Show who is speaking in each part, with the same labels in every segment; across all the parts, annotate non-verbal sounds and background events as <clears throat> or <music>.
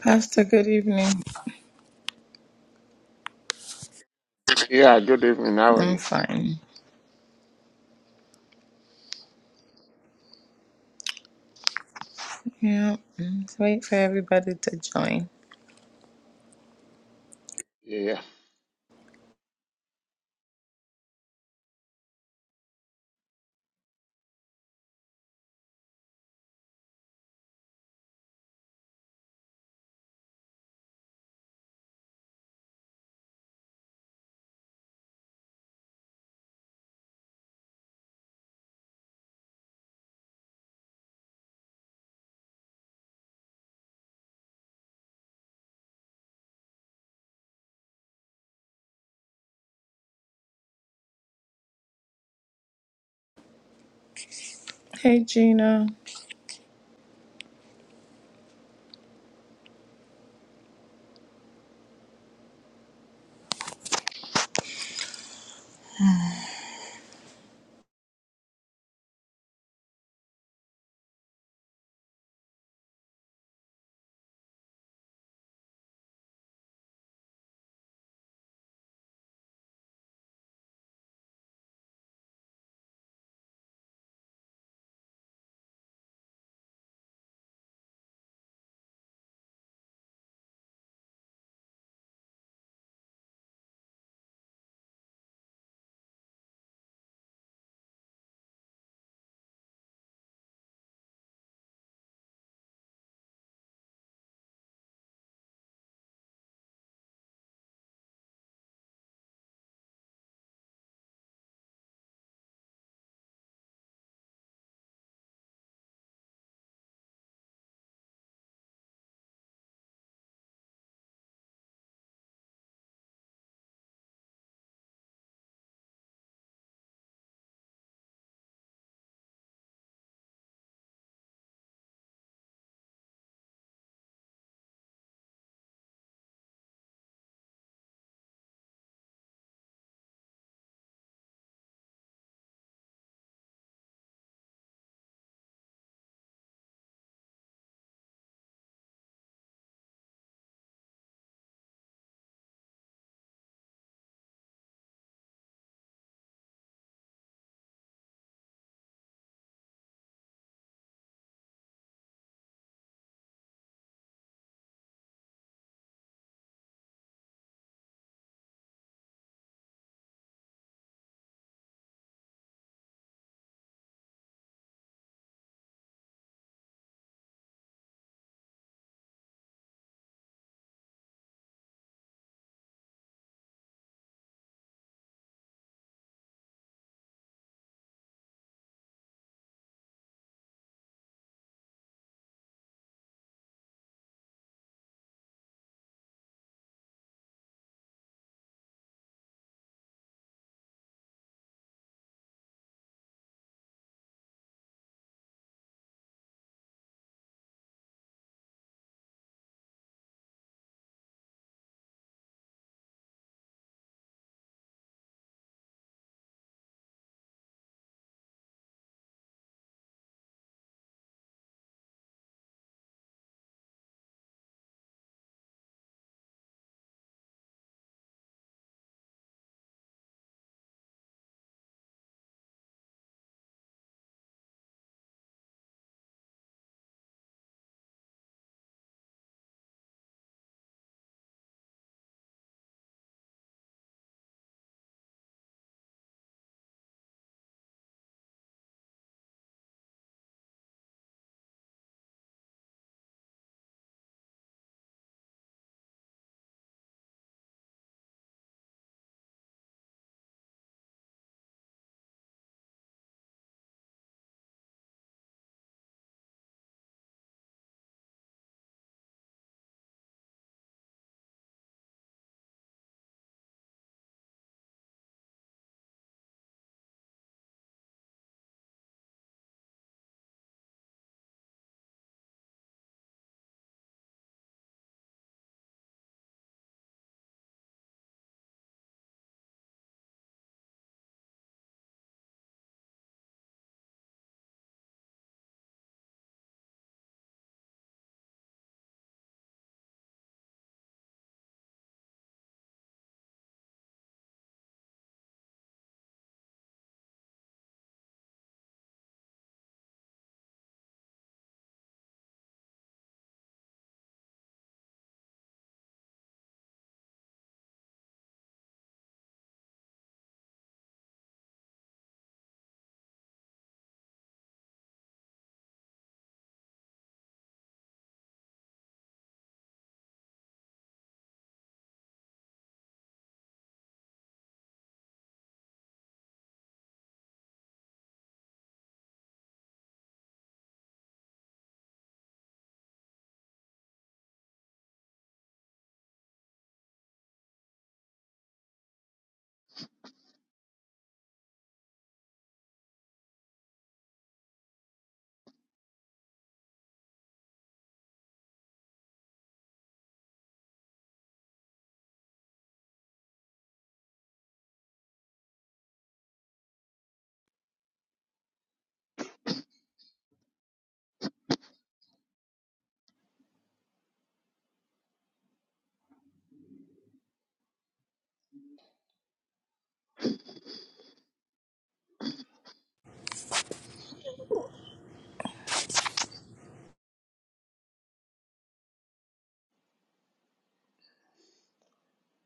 Speaker 1: Pastor, good evening.
Speaker 2: Yeah, good evening. How are
Speaker 1: I'm
Speaker 2: you?
Speaker 1: fine. Yeah, let's wait for everybody to join.
Speaker 2: Yeah. yeah.
Speaker 1: Hey, Gina.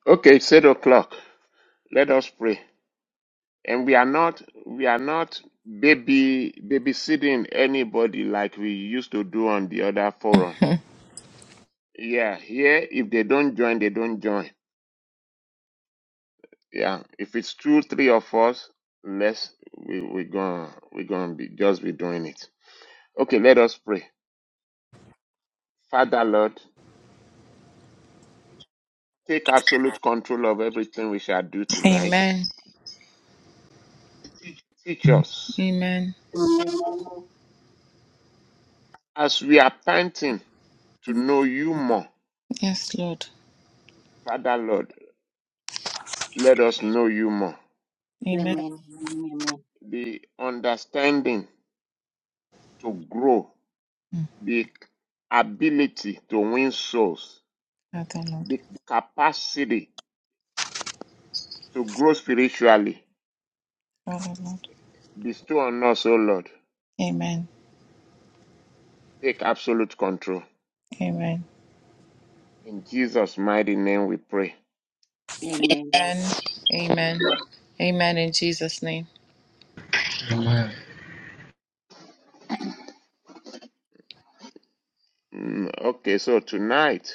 Speaker 2: Okay, it's eight o'clock. Let us pray. And we are not we are not baby babysitting anybody like we used to do on the other forum.
Speaker 1: <laughs>
Speaker 2: Yeah, here if they don't join, they don't join. Yeah. If it's two, three of us, let's we we're gonna we're gonna be just be doing it. Okay, let us pray. Father Lord, take absolute control of everything we shall do tonight.
Speaker 1: Amen.
Speaker 2: Teach us.
Speaker 1: Amen.
Speaker 3: Amen.
Speaker 2: As we are panting to know you more,
Speaker 1: Yes, Lord.
Speaker 2: Father Lord, let us know you more.
Speaker 1: Amen.
Speaker 3: Amen. Amen.
Speaker 2: The understanding to grow,
Speaker 1: Mm,
Speaker 2: the ability to win souls,
Speaker 1: Father, Lord.
Speaker 2: the capacity to grow spiritually.
Speaker 1: Father, Lord.
Speaker 2: Bestow on us, O Lord.
Speaker 1: Amen.
Speaker 2: Take absolute control.
Speaker 1: Amen.
Speaker 2: In Jesus' mighty name we pray.
Speaker 3: Amen.
Speaker 1: Amen. amen. Amen in Jesus' name.
Speaker 4: Amen.
Speaker 2: Mm, okay, so tonight,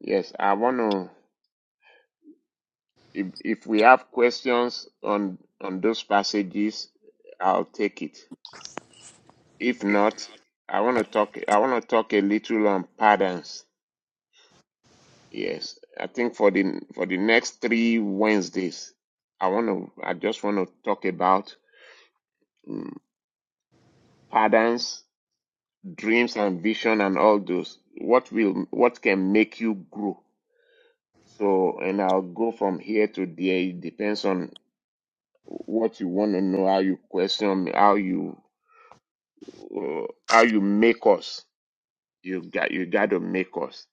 Speaker 2: yes, I want to. If if we have questions on on those passages, I'll take it. If not, I want to talk. I want to talk a little on patterns. Yes, I think for the for the next three Wednesdays, I want to. I just want to talk about mm, patterns, dreams, and vision, and all those. What will what can make you grow? So, and I'll go from here to there. It depends on what you want to know, how you question me, how you uh, how you make us. You got you got to make us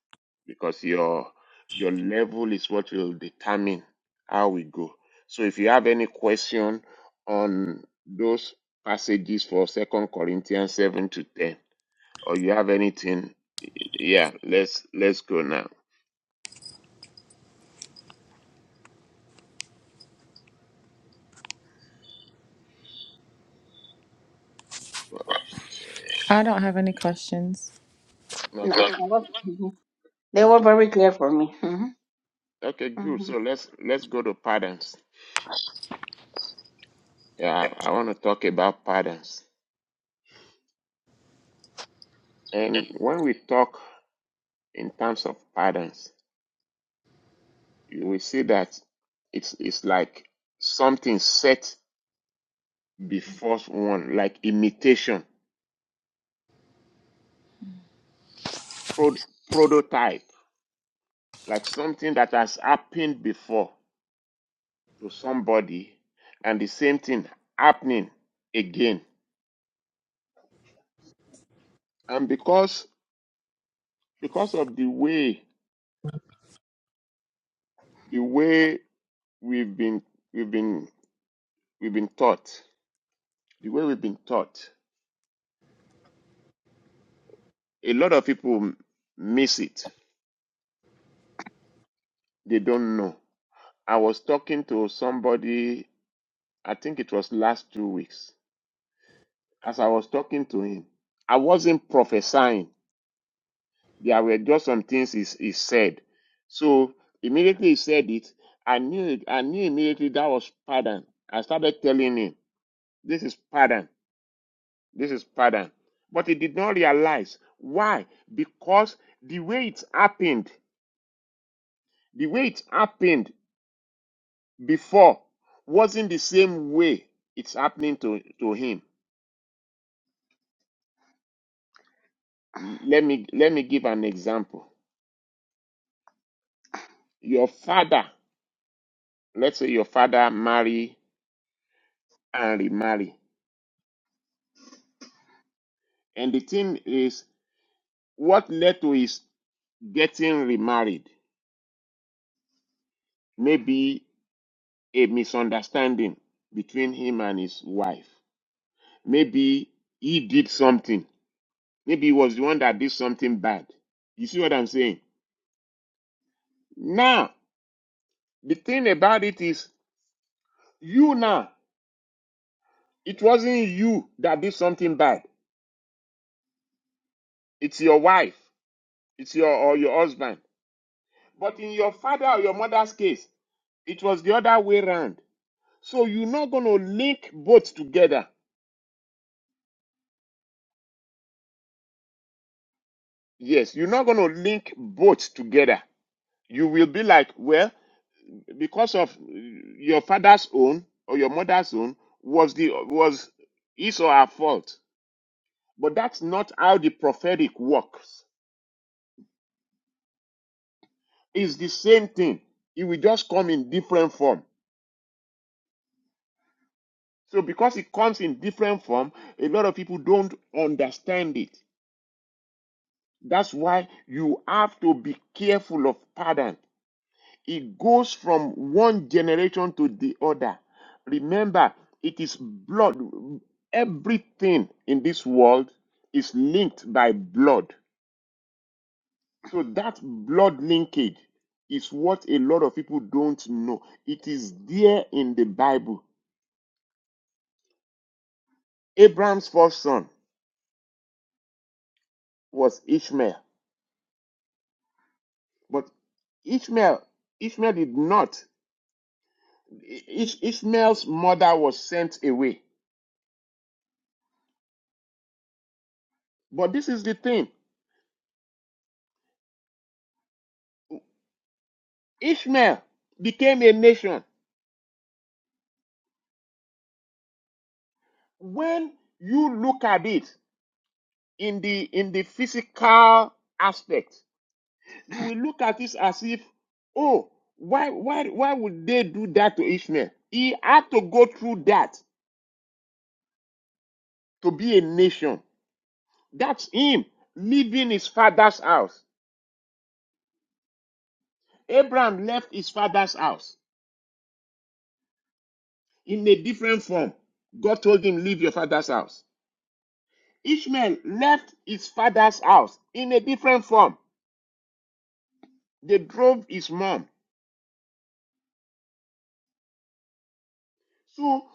Speaker 2: because your your level is what will determine how we go. So if you have any question on those passages for Second Corinthians seven to ten, or you have anything, yeah, let's let's go now.
Speaker 1: I don't have any questions.
Speaker 3: No, I
Speaker 2: Okay,
Speaker 1: No.
Speaker 3: was, mhm. they were very clear for me. hmm
Speaker 2: okay, good.
Speaker 3: hmm
Speaker 2: So let's let's go to patterns. Yeah, I want to talk about patterns. And when we talk in terms of patterns, you will see that it's it's like something set before one, like imitation, pro- prototype, like something that has happened before to somebody, and the same thing happening again. And because because of the way the way we've been we've been we've been taught, the way we've been taught, a lot of people miss it. They don't know. I was talking to somebody I think it was last two weeks, as I was talking to him, I wasn't prophesying. There were just some things he, he said. So immediately he said it, I knew it. I knew immediately that was pardon. I started telling him, this is pardon. This is pardon. But he did not realize. Why? Because the way it happened, the way it happened before wasn't the same way it's happening to, to him. Let me let me give an example. Your father, let's say your father marry and remarry. And the thing is, what led to his getting remarried maybe a misunderstanding between him and his wife. Maybe he did something. Maybe he was the one that did something bad. You see what I'm saying? Now, the thing about it is, you now, it wasn't you that did something bad. It's your wife. It's your or your husband. But in your father or your mother's case, it was the other way round. So you're not going to link both together. Yes, you're not going to link both together. You will be like, well, because of uh, your father's own or your mother's own was the was his or her fault. But that's not how the prophetic works. It's the same thing. It will just come in different form. So because it comes in different form, a lot of people don't understand it. That's why you have to be careful of pardon. It goes from one generation to the other. Remember, it is blood. Everything in this world is linked by blood. So that blood linkage is what a lot of people don't know. It is there in the Bible. Abraham's first son was Ishmael, but Ishmael Ishmael did not. Ish- Ishmael's mother was sent away But this is the thing Ishmael became a nation. When you look at it in the in the physical aspect, you will look at it as if, oh, why why why would they do that to Ishmael? He had to go through that to be a nation. That's him leaving his father's house. Abraham left his father's house in a different form. God told him, Leave your father's house. Ishmael left his father's house in a different form. They drove his mom. So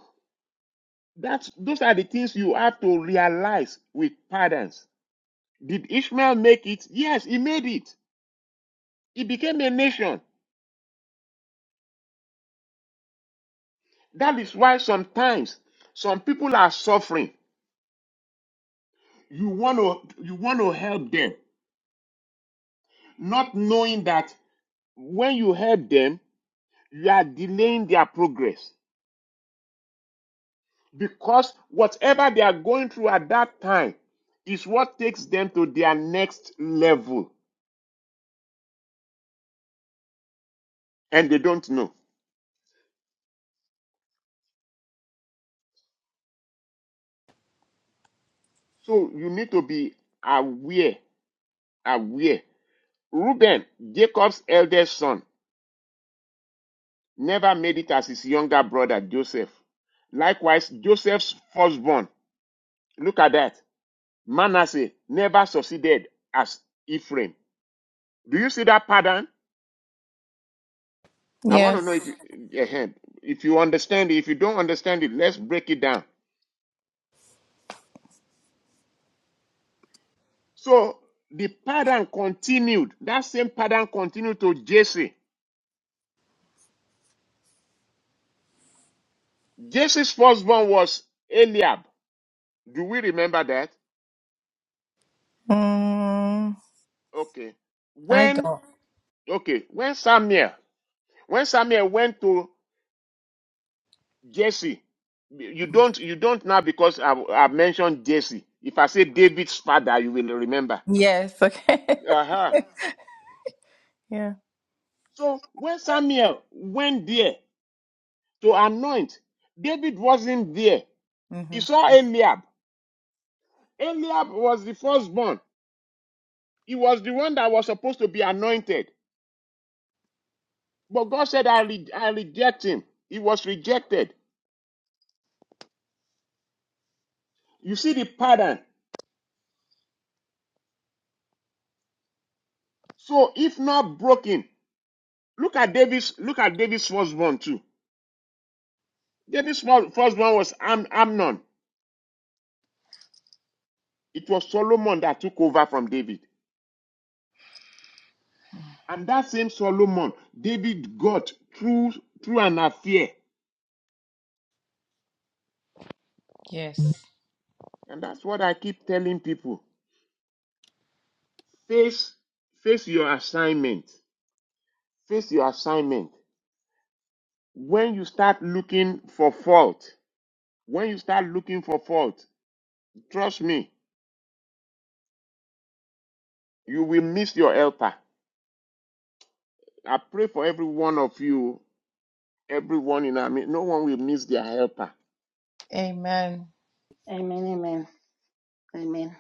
Speaker 2: that's those are the things you have to realize with parents. Did Ishmael make it? Yes, he made it. He became a nation. That is why sometimes some people are suffering. You want to you want to help them, not knowing that when you help them, you are delaying their progress. because whatever they are going through at that time is what takes them to their next level and they don't know so you need to be aware aware reuben jacob's eldest son never made it as his younger brother joseph likewise joseph's firstborn look at that manasseh never succeeded as ephraim do you see that pattern i want to
Speaker 1: Yes.
Speaker 2: know if you eh, eh, if you understand it if you don't understand it let's break it down So the pattern continued. That same pattern continued to Jesse. Jesse's firstborn was Eliab. Do we remember that?
Speaker 1: Mm,
Speaker 2: Okay.
Speaker 1: I
Speaker 2: When
Speaker 1: don't.
Speaker 2: okay, when Samuel, when Samuel went to Jesse, you don't you don't now because I've, I've mentioned Jesse. If I say David's father, you will remember.
Speaker 1: Yes. Okay.
Speaker 2: Uh-huh.
Speaker 1: <laughs> yeah.
Speaker 2: So when Samuel went there to anoint, David wasn't there. He
Speaker 1: Mm-hmm.
Speaker 2: saw Eliab. Eliab was the firstborn. He was the one that was supposed to be anointed. But God said, I, re- I reject him. He was rejected. You see the pattern. So if not broken, look at David's look at David's firstborn too. David's fir- firstborn was Am- Amnon. It was Solomon that took over from David. And that same Solomon, David got through through an affair.
Speaker 1: Yes.
Speaker 2: And that's what I keep telling people. Face face your assignment. Face your assignment. When you start looking for fault, when you start looking for fault, trust me, you will miss your helper. I pray for every one of you, everyone in our midst. No one will miss their helper.
Speaker 1: Amen.
Speaker 3: Amen. Amen. Amen.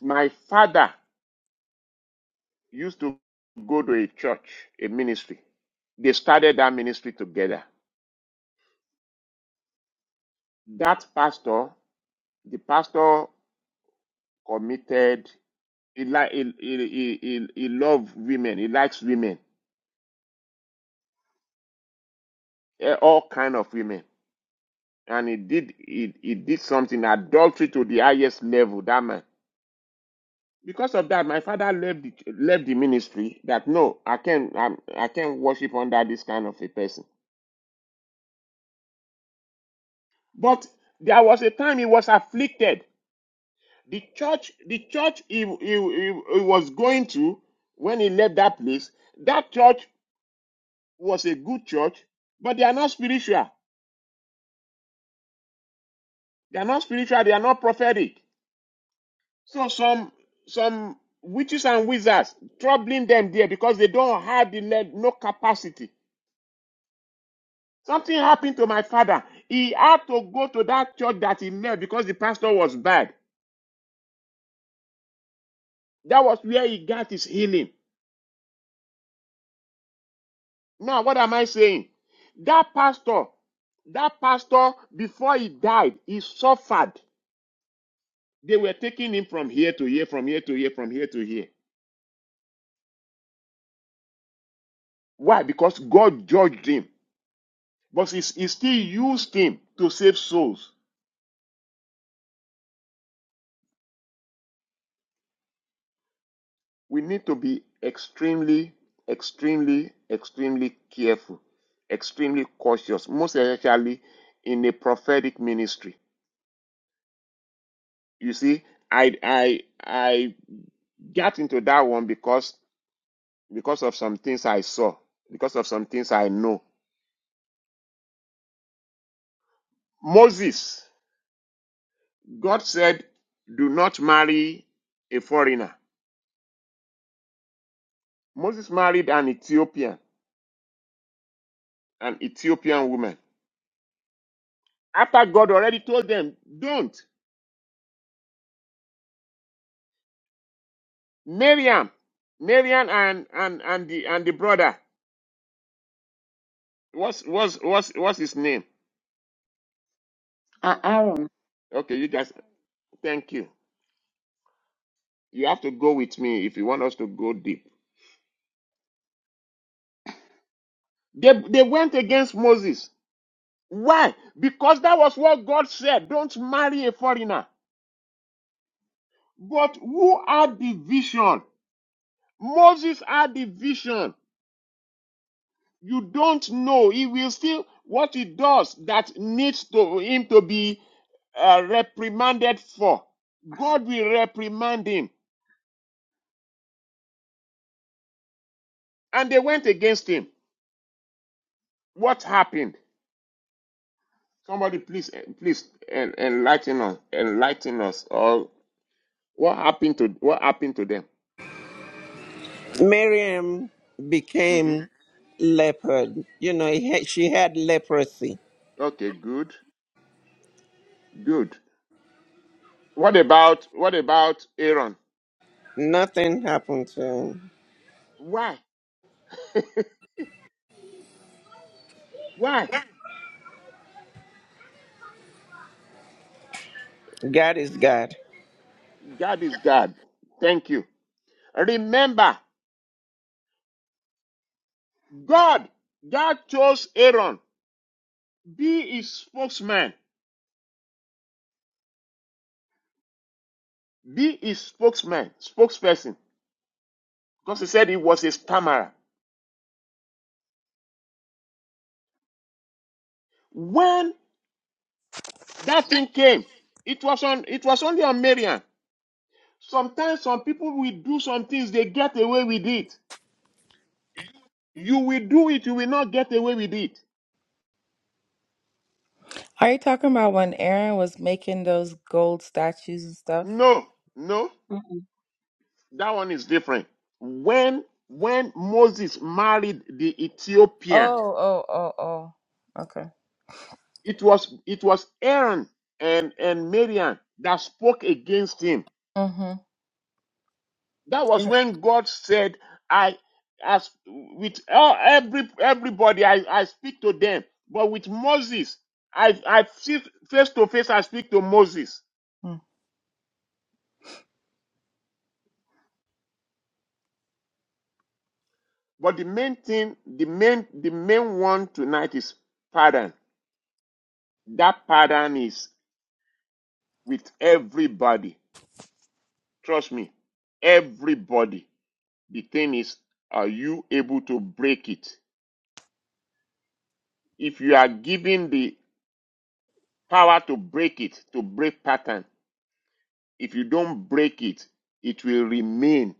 Speaker 2: My father used to go to a church, a ministry. They started that ministry together. That pastor, the pastor committed. He, li- he, he, he, he, he loved women. He likes women, eh, all kind of women and he did he, he did something adultery to the highest level that man because of that my father left the, left the ministry that no i can't I'm, i can't worship under this kind of a person but there was a time he was afflicted the church the church he, he, he, he was going to when he left that place that church was a good church but they are not spiritual they are not spiritual they are not prophetic So some some witches and wizards troubling them there because they don't have the le- no capacity. Something happened to my father. He had to go to that church that he met because the pastor was bad. That was where he got his healing. Now, what am I saying? That pastor, that pastor, before he died, he suffered. They were taking him from here to here, from here to here, from here to here. Why? Because God judged him. But he he still used him to save souls. we need to be extremely, extremely, extremely careful, extremely cautious, most especially in a prophetic ministry. You see, I I I got into that one because because of some things I saw, because of some things I know. Moses, God said, do not marry a foreigner. Moses married an Ethiopian, an Ethiopian woman. After God already told them, don't. Miriam, Miriam and and and the and the brother. What's what's what's what's his name?
Speaker 3: Uh, Aaron.
Speaker 2: Okay, you guys. Thank you. You have to go with me if you want us to go deep. They they went against Moses. Why? Because that was what God said. Don't marry a foreigner. But who had the vision? Moses had the vision. You don't know. He will still what he does that needs to him to be uh, reprimanded for. God will reprimand him. And they went against him. What happened? Somebody, please, eh, please enlighten us. Enlighten us. Or what happened to what happened to them?
Speaker 5: Miriam
Speaker 2: hmm
Speaker 5: became leopard. You know, he had, she had leprosy.
Speaker 2: Okay, good, good. What about what about Aaron?
Speaker 5: Nothing happened to him.
Speaker 2: Why? <laughs> Why?
Speaker 5: God is God.
Speaker 2: God is God. Thank you. Remember. God, God chose Aaron, be his spokesman, be his spokesman, spokesperson, because he said he was a stammerer. When that thing came, it was on, it was only on Marian. Sometimes some people will do some things, they get away with it. You will do it, you will not get away with it.
Speaker 1: Are you talking about when Aaron was making those gold statues and stuff?
Speaker 2: No, no,
Speaker 3: Mm-mm.
Speaker 2: that one is different. When when Moses married the Ethiopian,
Speaker 1: Oh, oh, oh, oh. Okay.
Speaker 2: It was it was Aaron and and Miriam that spoke against him.
Speaker 1: Mm-hmm.
Speaker 2: That was when God said, "I as with all, every everybody I, I speak to them, but with Moses I I see face to face I speak to Moses."
Speaker 1: Mm.
Speaker 2: But the main thing, the main the main one tonight is pardon. That pardon is with everybody. Trust me, everybody. The thing is, are you able to break it? If you are given the power to break it, to break pattern, if you don't break it, it will remain.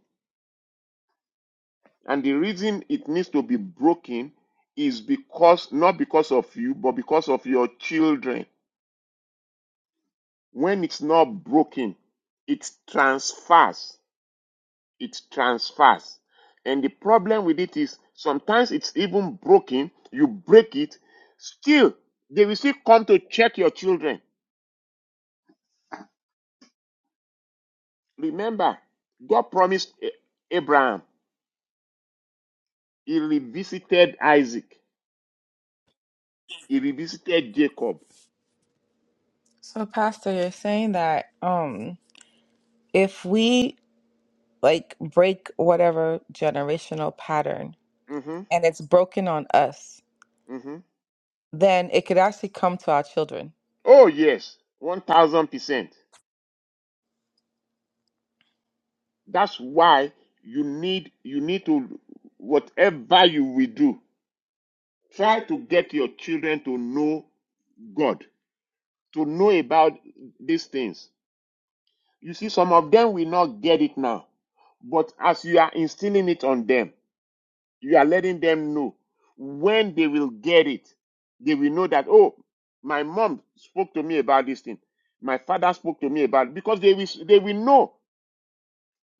Speaker 2: And the reason it needs to be broken is because, not because of you, but because of your children. When it's not broken, it transfers. It transfers. And the problem with it is sometimes it's even broken, you break it, still, they will still come to check your children Remember, God promised A- Abraham. He revisited Isaac. He revisited Jacob.
Speaker 1: So, Pastor, you're saying that um, if we like break whatever generational pattern
Speaker 2: hmm
Speaker 1: and it's broken on us,
Speaker 2: hmm
Speaker 1: then it could actually come to our children.
Speaker 2: Oh yes, one thousand percent. That's why you need you need to whatever you will do, try to get your children to know God, to know about these things. You see, some of them will not get it now, but as you are instilling it on them. You are letting them know when they will get it. They will know that, oh, my mom spoke to me about this thing. My father spoke to me about it. because they will they will know.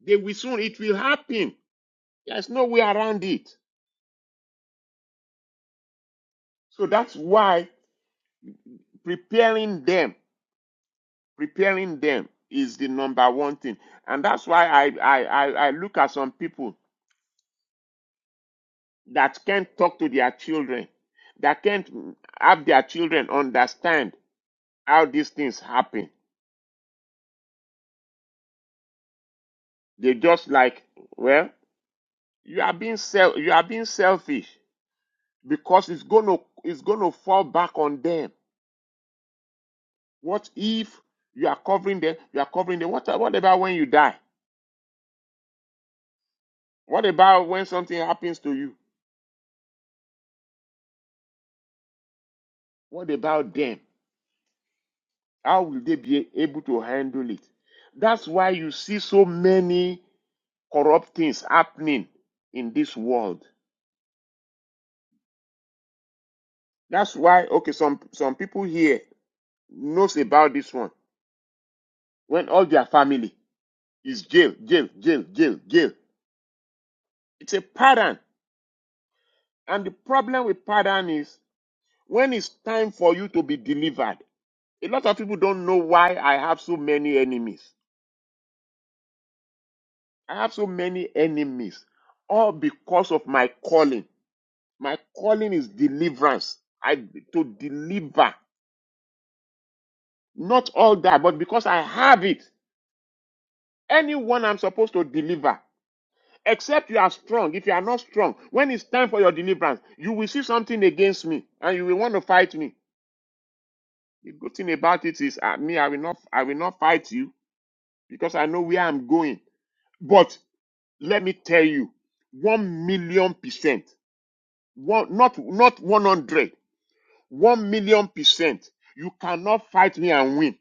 Speaker 2: They will soon it will happen. There's no way around it. So that's why preparing them, preparing them is the number one thing. And that's why I I, I, I look at some people that can't talk to their children, that can't have their children understand how these things happen They just like, well, you are being self, you are being selfish because it's gonna it's gonna fall back on them. What if you are covering them? You are covering them. What what about when you die? What about when something happens to you? What about them? How will they be able to handle it? That's why you see so many corrupt things happening in this world. That's why okay, some some people here knows about this one when all their family is give, give, give, give, give. It's a pattern. And the problem with pattern is when it's time for you to be delivered, a lot of people don't know why I have so many enemies. I have so many enemies, all because of my calling. My calling is deliverance. I to deliver. Not all that, but because I have it. Anyone I'm supposed to deliver. Except you are strong. If you are not strong, when it's time for your deliverance, you will see something against me and you will want to fight me. The good thing about it is uh, me, I will not I will not fight you because I know where I'm going. But let me tell you, one million percent, one not not one hundred, one million percent, you cannot fight me and win.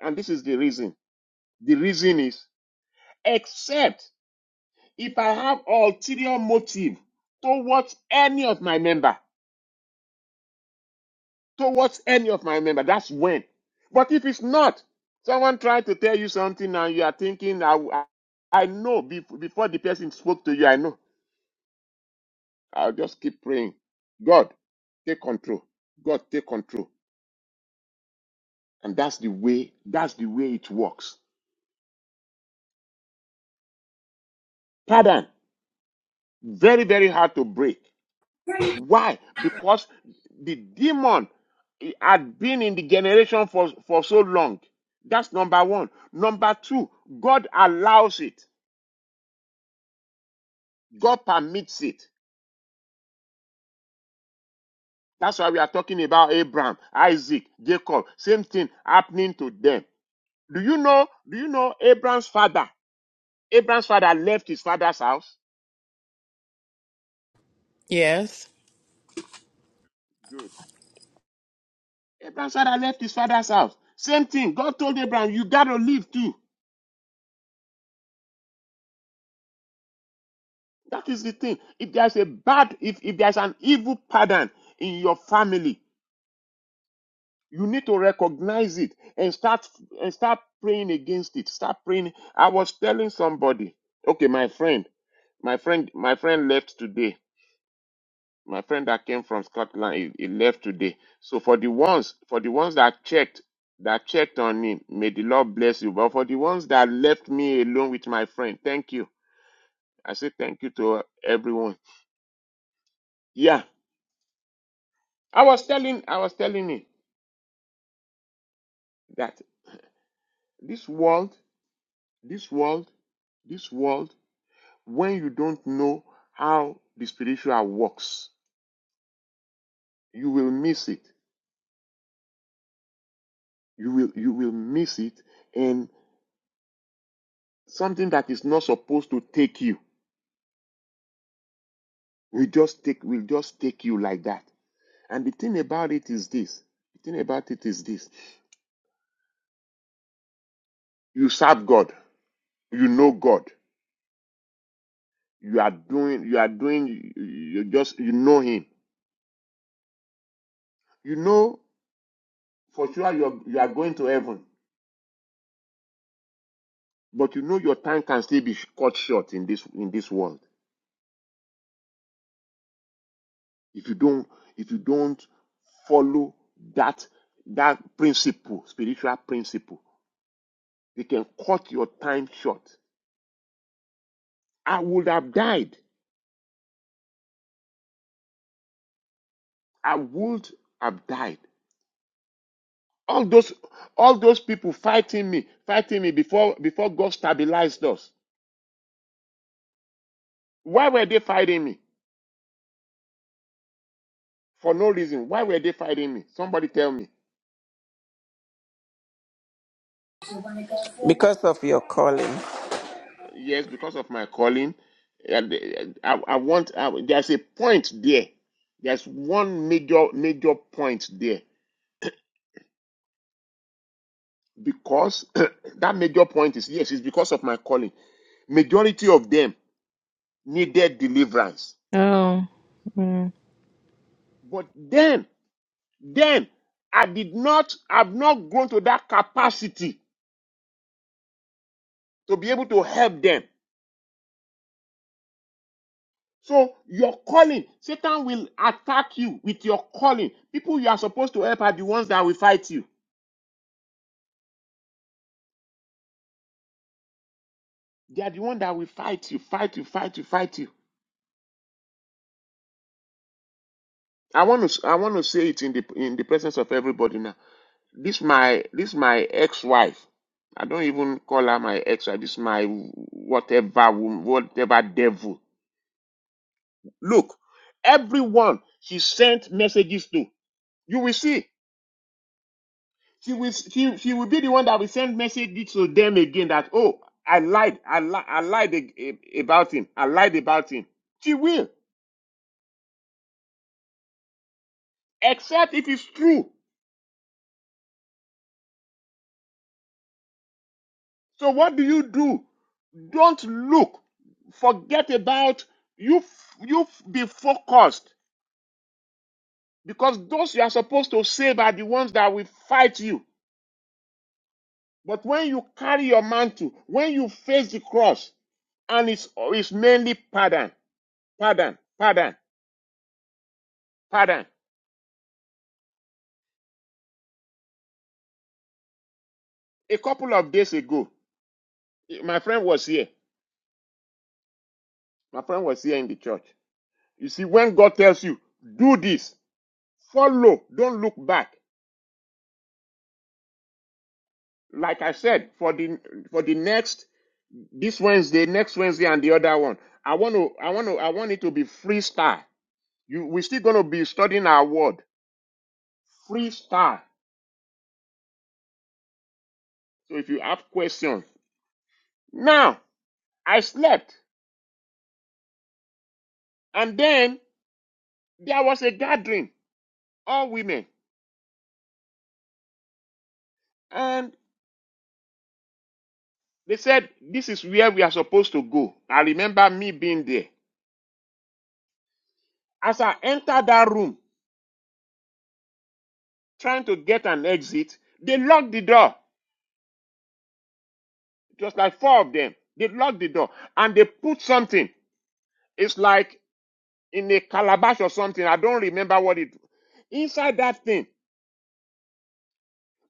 Speaker 2: And this is the reason. The reason is except if I have ulterior motive towards any of my member. towards any of my member. That's when. But if it's not, someone tried to tell you something and you are thinking, I, I, I know bef- before the person spoke to you, I know. I'll just keep praying. God, take control. God, take control. And that's the way, that's the way it works. Pardon. Very, very hard to break. Why? Because the demon had been in the generation for, for so long. That's number one. Number two, God allows it. God permits it. That's why we are talking about Abraham, Isaac, Jacob. Same thing happening to them. Do you know? Do you know Abraham's father? Abraham's father left his father's house.
Speaker 1: Yes.
Speaker 2: Good. Abraham's father left his father's house. Same thing. God told Abraham, you gotta leave too. That is the thing. If there's a bad, if, if there's an evil pattern in your family, You need to recognize it and start and start praying against it. Start praying. I was telling somebody, okay, my friend, my friend, my friend left today. My friend that came from Scotland, he, he left today. So for the ones, for the ones that checked, that checked on him, may the Lord bless you. But for the ones that left me alone with my friend, thank you. I say thank you to everyone. Yeah. I was telling, I was telling him that this world, this world, this world When you don't know how the spiritual works, you will miss it. You will you will miss it and something that is not supposed to take you will just take will just take you like that. And the thing about it is this. The thing about it is this. You serve God. You know God. You are doing you are doing you just you know him. You know for sure you're you are going to heaven, but you know your time can still be cut short in this in this world. if you don't if you don't follow that that principle spiritual principle they can cut your time short i would have died i would have died all those all those people fighting me fighting me before before god stabilized us why were they fighting me for no reason why were they fighting me somebody tell me
Speaker 5: Because of your calling.
Speaker 2: yes because of my calling and eh, i, I want I, there's a point there there's one major major point there because <coughs> <clears throat> that major point is yes, it's because of my calling. Majority of them needed deliverance.
Speaker 1: Oh, mm,
Speaker 2: But then, then I did not, I've not grown to that capacity to be able to help them. So your calling, Satan will attack you with your calling. People you are supposed to help are the ones that will fight you. They are the ones that will fight you, fight you, fight you, fight you. I want to, I want to say it in the in the presence of everybody now This my this my ex-wife. I don't even call her my ex-wife. This my whatever woman, whatever devil. Look, everyone she sent messages to, you will see. She will she, she will be the one that will send messages to them again that oh I lied I lied. I lied ag- a- about him I lied about him. She will except if it's true. So what do you do? Don't look. Forget about you. f- You f- be focused Because those you are supposed to save are the ones that will fight you. But when you carry your mantle, when you face the cross, and it's, it's mainly pardon, pardon, pardon, pardon. A couple of days ago, my friend was here. My friend was here in the church. You see, when God tells you, do this, follow, don't look back. Like I said, for the for the next this Wednesday, next Wednesday, and the other one, I want to, I want to, I want it to be freestyle. You, we're still going to be studying our word, freestyle. So if you have questions. Now, I slept, and then there was a gathering, all women, and they said, This is where we are supposed to go. I remember me being there. As I entered that room, trying to get an exit, they locked the door. It was like four of them. They locked the door and they put something. It's like in a calabash or something. I don't remember what it. was. Inside that thing,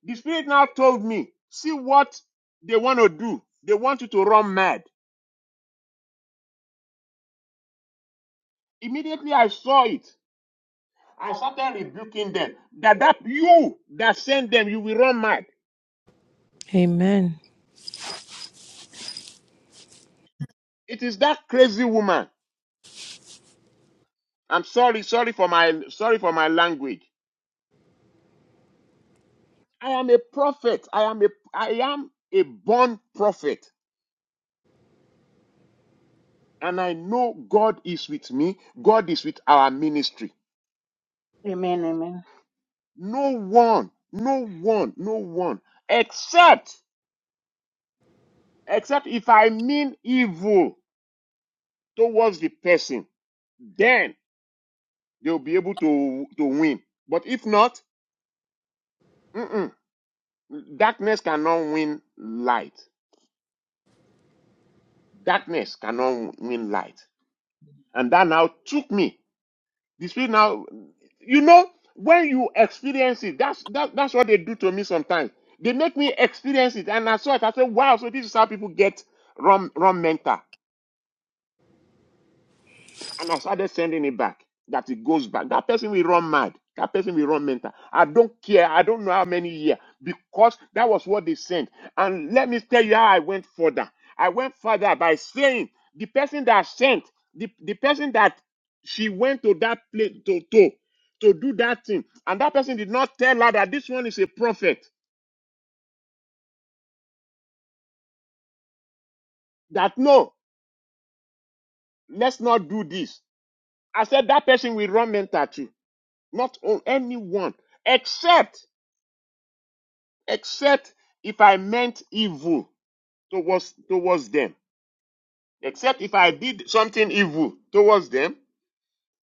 Speaker 2: The spirit now told me, see what they want to do. They want you to run mad. Immediately I saw it. I started rebuking them. That that you that sent them, you will run mad.
Speaker 1: amen.
Speaker 2: It is that crazy woman. I'm sorry, sorry for my sorry for my language. I am a prophet. I am a I am a born prophet. And I know God is with me. God is with our ministry.
Speaker 3: Amen. Amen.
Speaker 2: No one, no one, no one, except Except if I mean evil towards the person, then they'll be able to, to win. But if not, mm-mm, darkness cannot win light. Darkness cannot win light. And that now took me. The spirit now, you know, when you experience it, that's, that, that's what they do to me sometimes. They make me experience it. And I saw it. I said, wow, so this is how people get wrong, wrong mental. and I started sending it back. That it goes back. That person will run mad. That person will run mental. I don't care. I don't know how many years because that was what they sent. And let me tell you how I went further. I went further by saying the person that sent, the, the person that she went to that place to, to, to do that thing, and that person did not tell her that this one is a prophet. That no, let's not do this. I said that person will run mental too. Not on anyone except except if I meant evil towards towards them, except if I did something evil towards them,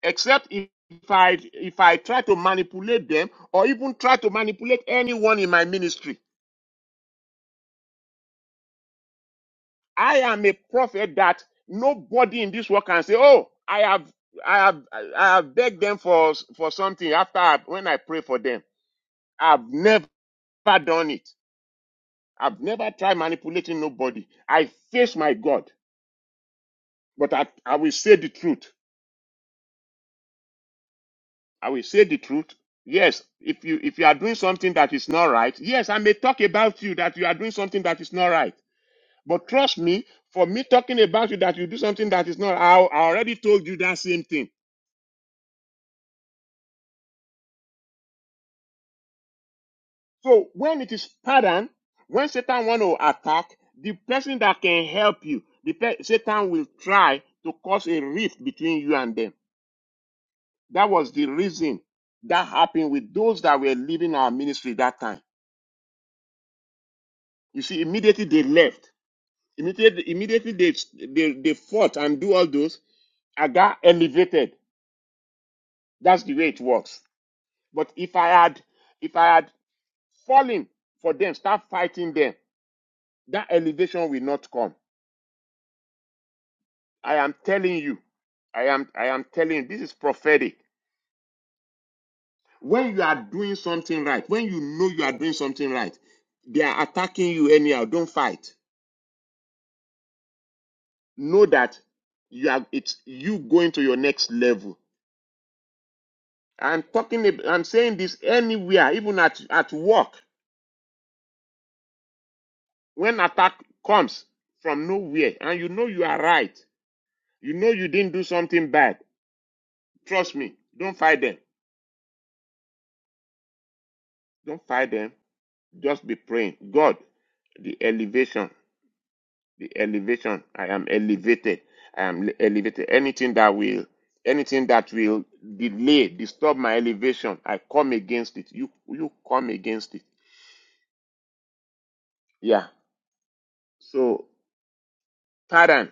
Speaker 2: except if I if I try to manipulate them or even try to manipulate anyone in my ministry. I am a prophet that nobody in this world can say, "Oh, I have I have I have begged them for for something after I, when I pray for them." I've never done it. I've never tried manipulating nobody. I face my God, but I, I will say the truth. I will say the truth. Yes, if you if you are doing something that is not right, yes, I may talk about you that you are doing something that is not right. But trust me, for me talking about you that you do something that is not, I, I already told you that same thing. So when it is pardon, when Satan want to attack, the person that can help you, the pe- Satan will try to cause a rift between you and them. That was the reason that happened with those that were leaving our ministry that time. You see, immediately they left Immediately, immediately they, they, they fought and do all those, I got elevated. That's the way it works. But if I had, if I had fallen for them, start fighting them, that elevation will not come. I am telling you, I am, I am telling you, this is prophetic. When you are doing something right, when you know you are doing something right, they are attacking you anyhow. Don't fight. Know that you are, it's you going to your next level I'm talking. ab- I'm saying this anywhere, even at at work, when attack comes from nowhere, and you know you are right. You know you didn't do something bad. Trust me. Don't fight them. Don't fight them. Just be praying. God, the elevation, the elevation. I am elevated. I am elevated. Anything that will, anything that will delay, disturb my elevation, I come against it. You you come against it. Yeah. So, pardon.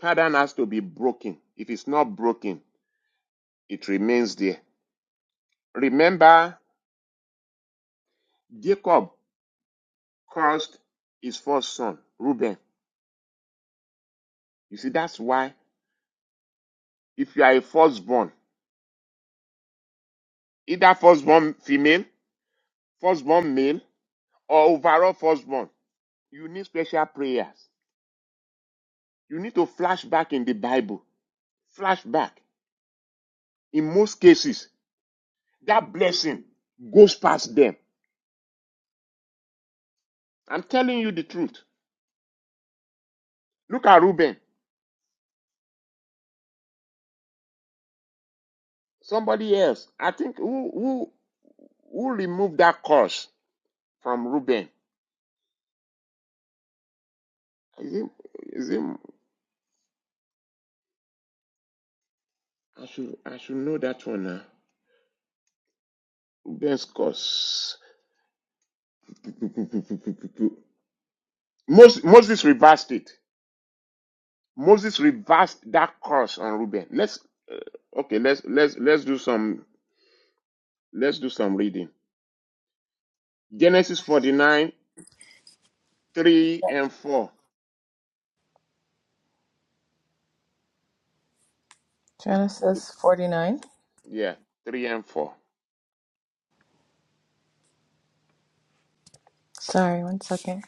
Speaker 2: Pattern has to be broken. If it's not broken, it remains there. Remember, Jacob cursed his first son, Reuben. You see, that's why if you are a firstborn, either firstborn female, firstborn male, or overall firstborn, you need special prayers. You need to flash back in the Bible. Flash back. In most cases, that blessing goes past them. I'm telling you the truth. Look at Reuben. Somebody else. I think who who Who removed that curse from Reuben? Is it, is it, I should, I should know that one now. Reuben's curse. <laughs> Moses, Moses reversed it. Moses reversed that curse on Reuben. Let's, okay, let's, let's, let's do some, let's do some reading. Genesis 49, 3 and 4.
Speaker 1: Genesis 49.
Speaker 2: Yeah, 3 and 4.
Speaker 1: Sorry, one second.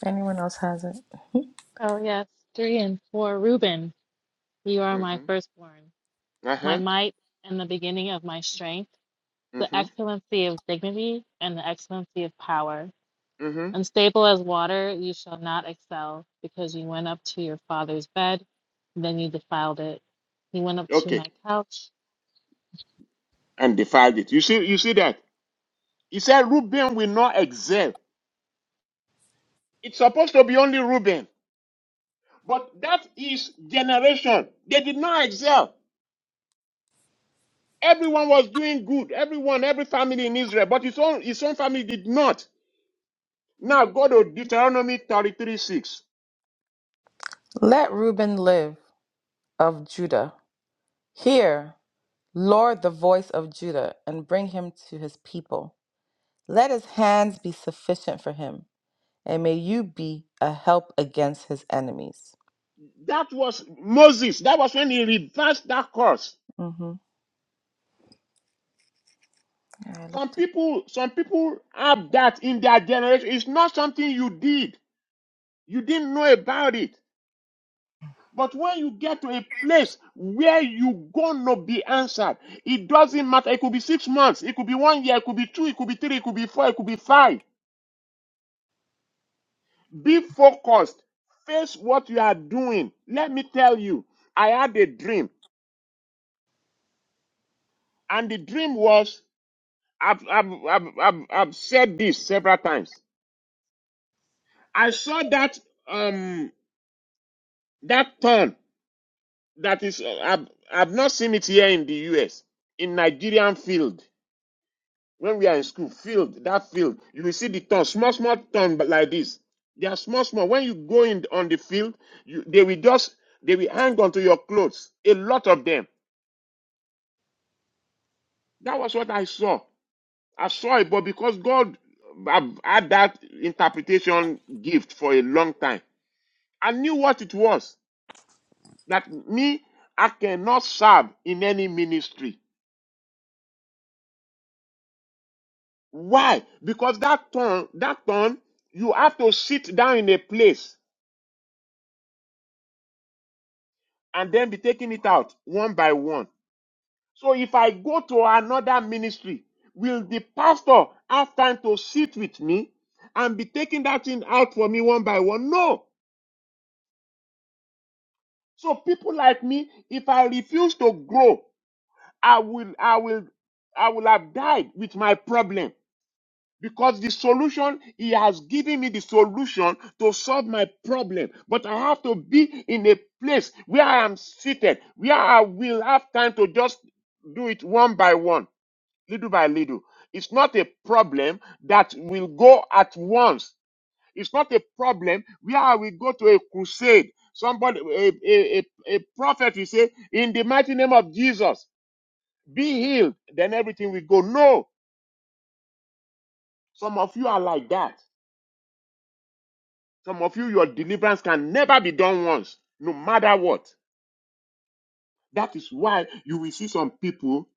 Speaker 1: If anyone else has it.
Speaker 6: Oh, yes. Three and four. Reuben, you are my
Speaker 2: Mm-hmm.
Speaker 6: firstborn, my
Speaker 2: Uh-huh.
Speaker 6: might and the beginning of my strength, the
Speaker 2: Mm-hmm.
Speaker 6: excellency of dignity and the excellency of power.
Speaker 2: Mm-hmm.
Speaker 6: Unstable as water, you shall not excel, because you went up to your father's bed, then you defiled it. You went up to
Speaker 2: Okay.
Speaker 6: my couch.
Speaker 2: And defied it. You see, you see that? He said Reuben will not excel. It's supposed to be only Reuben. But that is generation. They did not excel. Everyone was doing good. Everyone, every family in Israel. But his own, his own family did not. Now go to Deuteronomy 33 6.
Speaker 1: Let Reuben live of Judah. Hear, Lord, the voice of Judah, and bring him to his people. Let his hands be sufficient for him, and may you be a help against his enemies.
Speaker 2: That was Moses. That was when he reversed that course.
Speaker 1: Mm-hmm. Yeah, I
Speaker 2: Some
Speaker 1: looked.
Speaker 2: people, some people have that in their generation. It's not something you did. You didn't know about it. But when you get to a place where you gonna be answered, it doesn't matter. It could be six months, it could be one year, it could be two, it could be three, it could be four, it could be five. Be focused. Face what you are doing. Let me tell you, I had a dream, and the dream was I've, I've, I've, I've, I've said this several times. I saw that um that turn that is uh, I've, I've not seen it here in the U.S. in Nigerian field. when we are in school, field, that field, you will see the thorn, small, small thorn, but like this. They are small, small. When you go in on the field, you, they will just, they will hang onto your clothes. A lot of them. That was what I saw. I saw it, but because God I've had that interpretation gift for a long time, I knew what it was. That me, I cannot serve in any ministry. Why? Because that thorn, that thorn, you have to sit down in a place and then be taking it out one by one. So if I go to another ministry, will the pastor have time to sit with me and be taking that thing out for me one by one? No. So people like me, if I refuse to grow, I will, I will, I will have died with my problem. Because the solution, he has given me the solution to solve my problem. But I have to be in a place where I am seated, where I will have time to just do it one by one, little by little. It's not a problem that will go at once. It's not a problem where I will go to a crusade. Somebody, a, a, a, a prophet will say, in the mighty name of Jesus, be healed. Then everything will go. No, some of you are like that. Some of you, your deliverance can never be done once, no matter what. That is why you will see some people,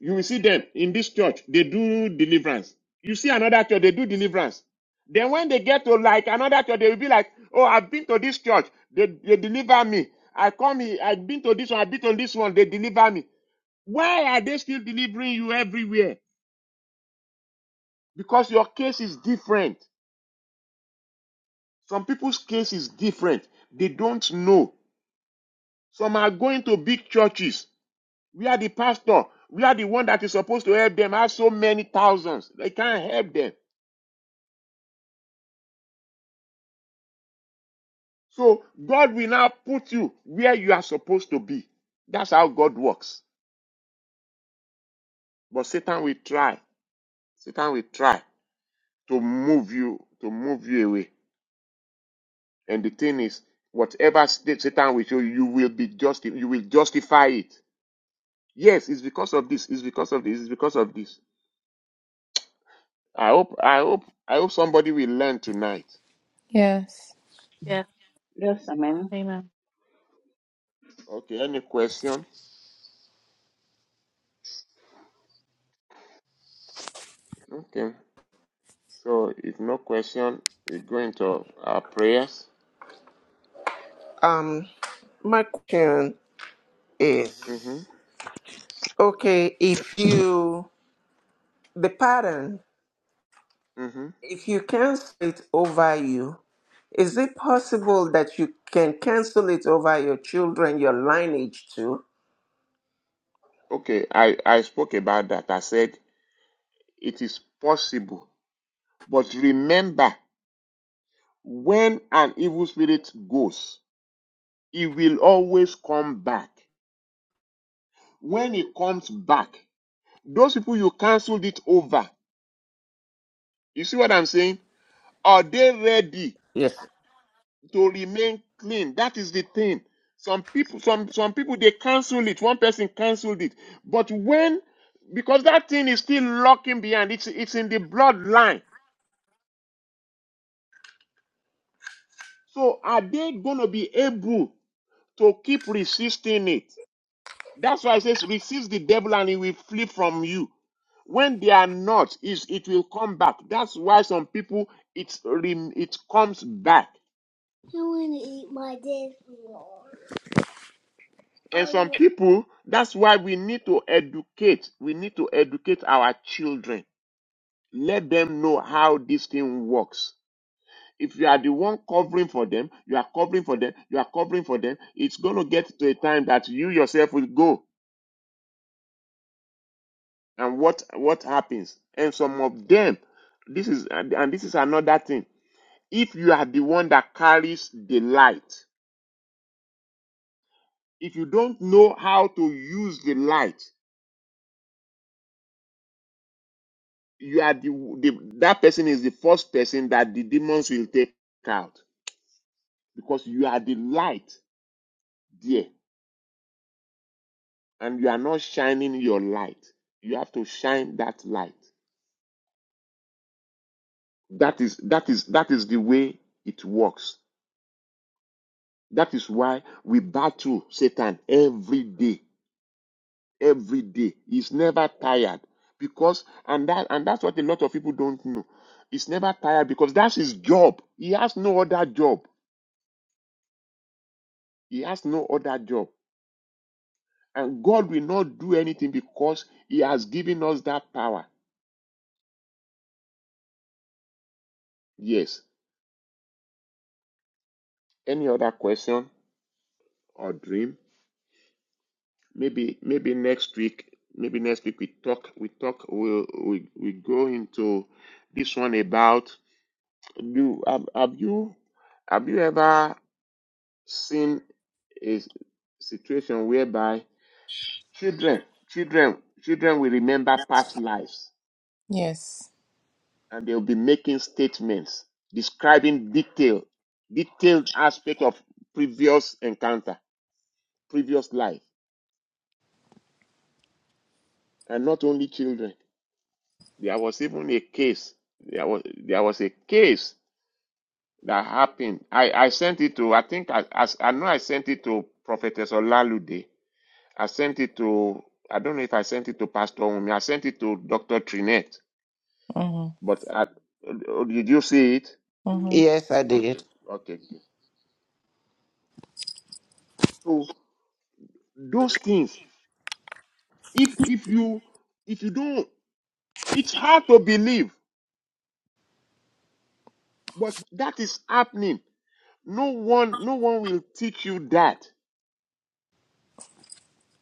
Speaker 2: you will see them in this church, they do deliverance. You see another church, they do deliverance. Then when they get to like another church, they will be like, Oh, I've been to this church, they, they deliver me. I come here, I've been to this one, I've been to this one, they deliver me. Why are they still delivering you everywhere? Because your case is different. Some people's case is different. They don't know. Some are going to big churches We are the pastor. We are the one that is supposed to help them. I have so many thousands. They can't help them. So God will now put you where you are supposed to be. That's how God works. But Satan will try. Satan will try to move you, to move you away. And the thing is, whatever state Satan will show you, you will be just you will justify it. Yes, it's because of this, it's because of this, it's because of this. I hope, I hope, I hope somebody will learn tonight.
Speaker 1: Yes.
Speaker 6: Yes,
Speaker 3: Yes.
Speaker 2: Yes.
Speaker 3: Amen.
Speaker 6: amen.
Speaker 2: Okay, any question? Okay. So if no question, we go into our prayers.
Speaker 5: Um, my question
Speaker 2: hmm
Speaker 5: is, okay, if you the pattern,
Speaker 2: hmm
Speaker 5: if you cancel it over you, is it possible that you can cancel it over your children, your lineage too?
Speaker 2: Okay, I, I spoke about that. I said it is possible. But remember, when an evil spirit goes, it will always come back. When it comes back, those people you canceled it over. You see what I'm saying? Are they ready
Speaker 5: Yes.
Speaker 2: to remain clean. That is the thing. Some people, some some people, they cancel it. One person canceled it, but when because that thing is still locking behind, it's it's in the bloodline. So are they going to be able to keep resisting it? That's why it says resist the devil and he will flee from you. When they are not, is it will come back. That's why some people it's rem- it comes back. And some people, that's why we need to educate. We need to educate our children. Let them know how this thing works. If you are the one covering for them, you are covering for them, you are covering for them, it's going to get to a time that you yourself will go. And what, what happens? And some of them, this is, and and this is another thing. If you are the one that carries the light, if you don't know how to use the light, you are the, the that person is the first person that the demons will take out because you are the light there and you are not shining your light you have to shine that light that is that is that is the way it works that is why we battle satan every day every day he's never tired because and that and that's what a lot of people don't know he's never tired because that's his job he has no other job he has no other job And God will not do anything because He has given us that power. Yes. Any other question or dream? Maybe maybe next week. Maybe next week we talk. We talk. We will we we go into this one about you. Have, have you have you ever seen a s- situation whereby children children children will remember past lives?
Speaker 1: Yes.
Speaker 2: and they'll be making statements describing detail, detailed aspect of previous encounter, previous life, and not only children. There was even a case. There was there was a case that happened. I, I sent it to I think I, I I know I sent it to Prophetess Olalude. I sent it to I don't know if I sent it to Pastor Umi. I sent it to Doctor Trinette.
Speaker 1: Mm-hmm.
Speaker 2: But I, did you see it?
Speaker 1: Mm-hmm.
Speaker 5: Yes, I did.
Speaker 2: Okay. good. So those things If if you if you don't, it's hard to believe, but that is happening. No one no one will teach you that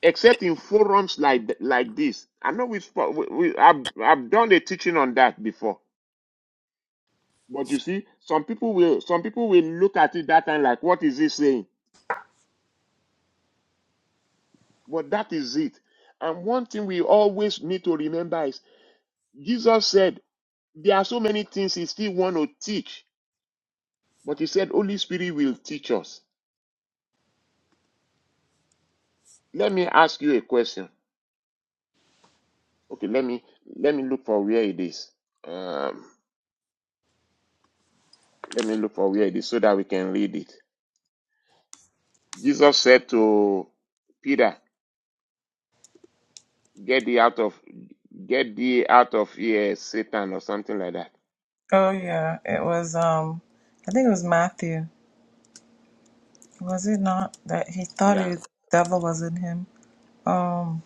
Speaker 2: except in forums like th- like this. I know we've spo- we, we I've I've done a teaching on that before, but you see, some people will some people will look at it that time like, what is he saying? But that is it. And one thing we always need to remember is Jesus said there are so many things he still want to teach, but he said Holy Spirit will teach us. Let me ask you a question. Okay, let me let me look for where it is. Um, let me look for where it is so that we can read it. Jesus said to Peter, "Get thee out of get thee out of here, Satan," or something like that.
Speaker 1: Oh yeah. It was um I think it was Matthew. Was it not that he thought
Speaker 2: Yeah,
Speaker 1: it the devil was in him? Um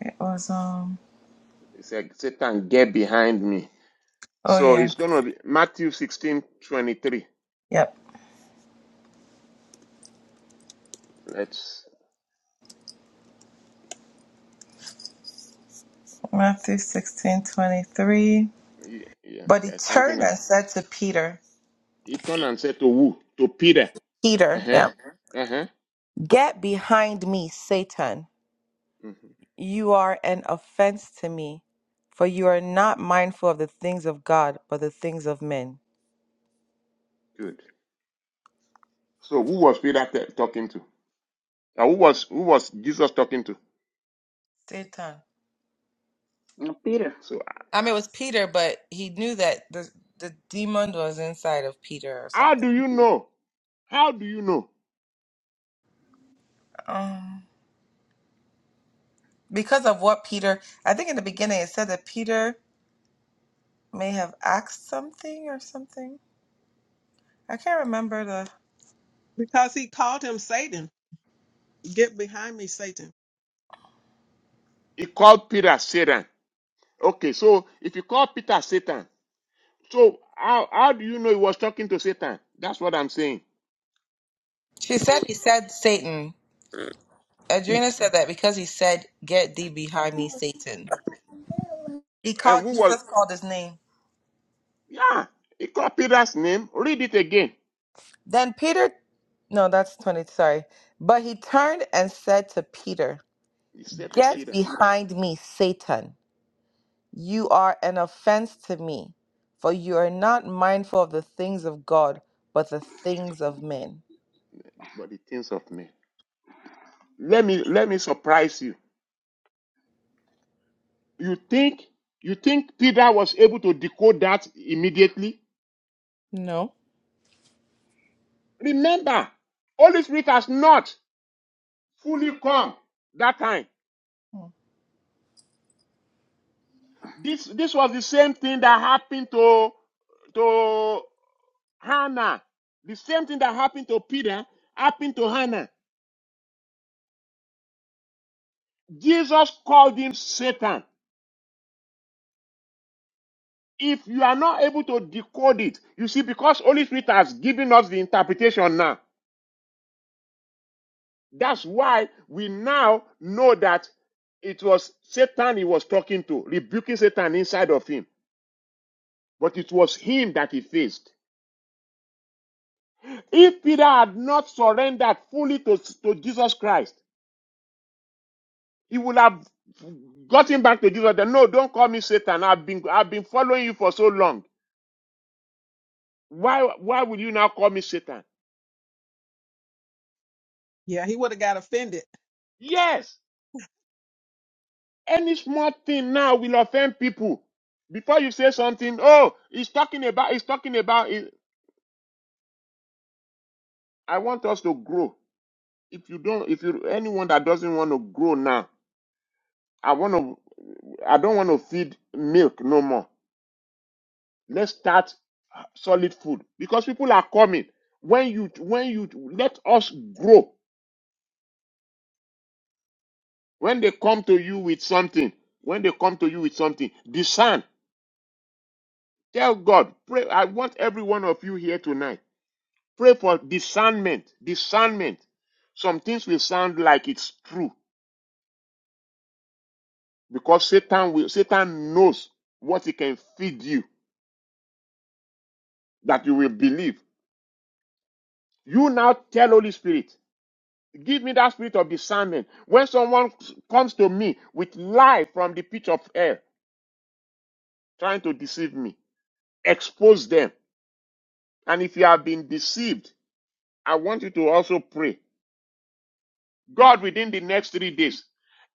Speaker 1: it was um
Speaker 2: he said, "Satan, get behind me."
Speaker 1: oh
Speaker 2: So
Speaker 1: yeah.
Speaker 2: it's going to be Matthew sixteen twenty-three.
Speaker 1: Yep.
Speaker 2: Let's
Speaker 1: Matthew sixteen twenty three.
Speaker 2: yeah, yeah
Speaker 1: But he
Speaker 2: there's something
Speaker 1: turned
Speaker 2: now.
Speaker 1: and said to Peter,
Speaker 2: He turned and said to who? To Peter. Uh
Speaker 1: Peter,
Speaker 2: huh.
Speaker 1: yeah.
Speaker 2: Uh huh.
Speaker 1: Get behind me, Satan.
Speaker 2: hmm
Speaker 1: You are an offense to me, for you are not mindful of the things of God, but the things of men.
Speaker 2: Good. So who was Peter t- talking to? And who was who was Jesus talking to?
Speaker 1: Satan.
Speaker 3: Uh, Peter.
Speaker 2: So
Speaker 1: I mean, it was Peter, but he knew that the the demon was inside of Peter or
Speaker 2: how
Speaker 1: something.
Speaker 2: do you
Speaker 3: Mhm.
Speaker 2: know? How do you know?
Speaker 1: Um, because of what Peter, I think in the beginning it said that Peter may have asked something or something. I can't remember the.
Speaker 7: Because he called him Satan. Get behind me, Satan.
Speaker 2: He called Peter Satan. Okay, so if you call Peter Satan, so how how do you know he was talking to Satan? That's what I'm saying.
Speaker 1: She said he said Satan. Adrena said that because he said, "Get thee behind me, Satan." He
Speaker 2: And
Speaker 1: called
Speaker 2: who was
Speaker 1: Jesus called his name.
Speaker 2: yeah, he called Peter's name. Read it again.
Speaker 1: Then Peter no, that's 20, sorry. But he turned and said to Peter,
Speaker 2: He said to
Speaker 1: Get
Speaker 2: Peter,
Speaker 1: behind me, Satan. You are an offense to me, for you are not mindful of the things of God, but the things of men.
Speaker 2: But the things of men. Let me let me surprise you. You think you think Peter was able to decode that immediately?
Speaker 1: No.
Speaker 2: Remember, Holy Spirit has not fully come that time. This this was the same thing that happened to to Hannah. The same thing that happened to Peter happened to Hannah. Jesus called him Satan. If you are not able to decode it, you see, because Holy Spirit has given us the interpretation now. That's why we now know that it was Satan he was talking to, rebuking Satan inside of him, but it was him that he faced. If Peter had not surrendered fully to, to Jesus Christ, he would have gotten back to Jesus. Then, no, don't call me Satan. I've been I've been following you for so long. Why why will you now call me Satan?
Speaker 7: Yeah, he would have got offended.
Speaker 2: Yes, any small thing now will offend people. Before you say something, oh, he's talking about he's talking about it. I want us to grow. If you don't, if you anyone that doesn't want to grow now, I want to I don't want to feed milk no more. Let's start. solid food because people are coming when you when you let us grow when they come to you with something when they come to you with something discern tell god pray i want every one of you here tonight pray for discernment discernment some things will sound like it's true because satan will satan knows what he can feed you that you will believe you now tell holy spirit Give me that spirit of discernment. When someone comes to me with lie from the pitch of hell, trying to deceive me, expose them. And if you have been deceived, I want you to also pray. God, within the next three days,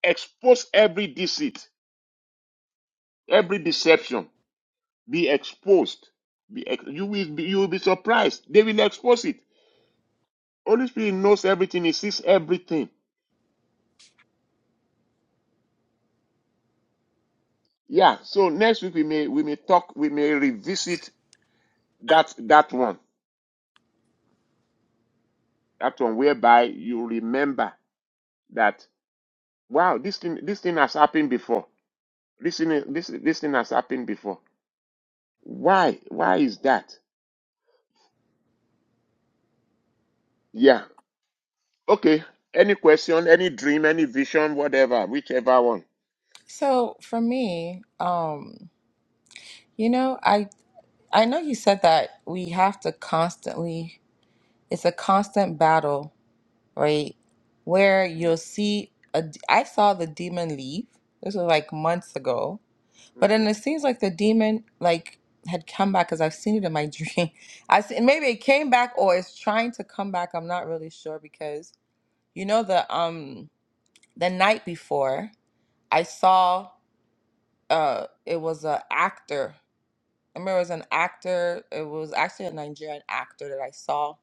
Speaker 2: expose every deceit, every deception. Be exposed. Be ex- you will be, you will be surprised. They will expose it. Holy Spirit knows everything. He sees everything. Yeah. So next week we may we may talk. We may revisit that that one That one whereby you remember that wow, this thing this thing has happened before. This thing this this thing has happened before. Why? Why is that? Yeah. Okay. Any question, any dream, any vision, whatever, whichever one.
Speaker 1: So for me, um, you know, I I know you said that we have to constantly, it's a constant battle right? Where
Speaker 2: Mm,
Speaker 1: you'll see a d- I saw the demon leave. This was like months ago. But
Speaker 2: Mm-hmm.
Speaker 1: then it seems like the demon like had come back because I've seen it in my <laughs> dream. I see, maybe it came back or it's trying to come back. I'm not really sure because you know the um the night before I saw uh it was a actor. I remember it was an actor. It was actually a Nigerian actor that I saw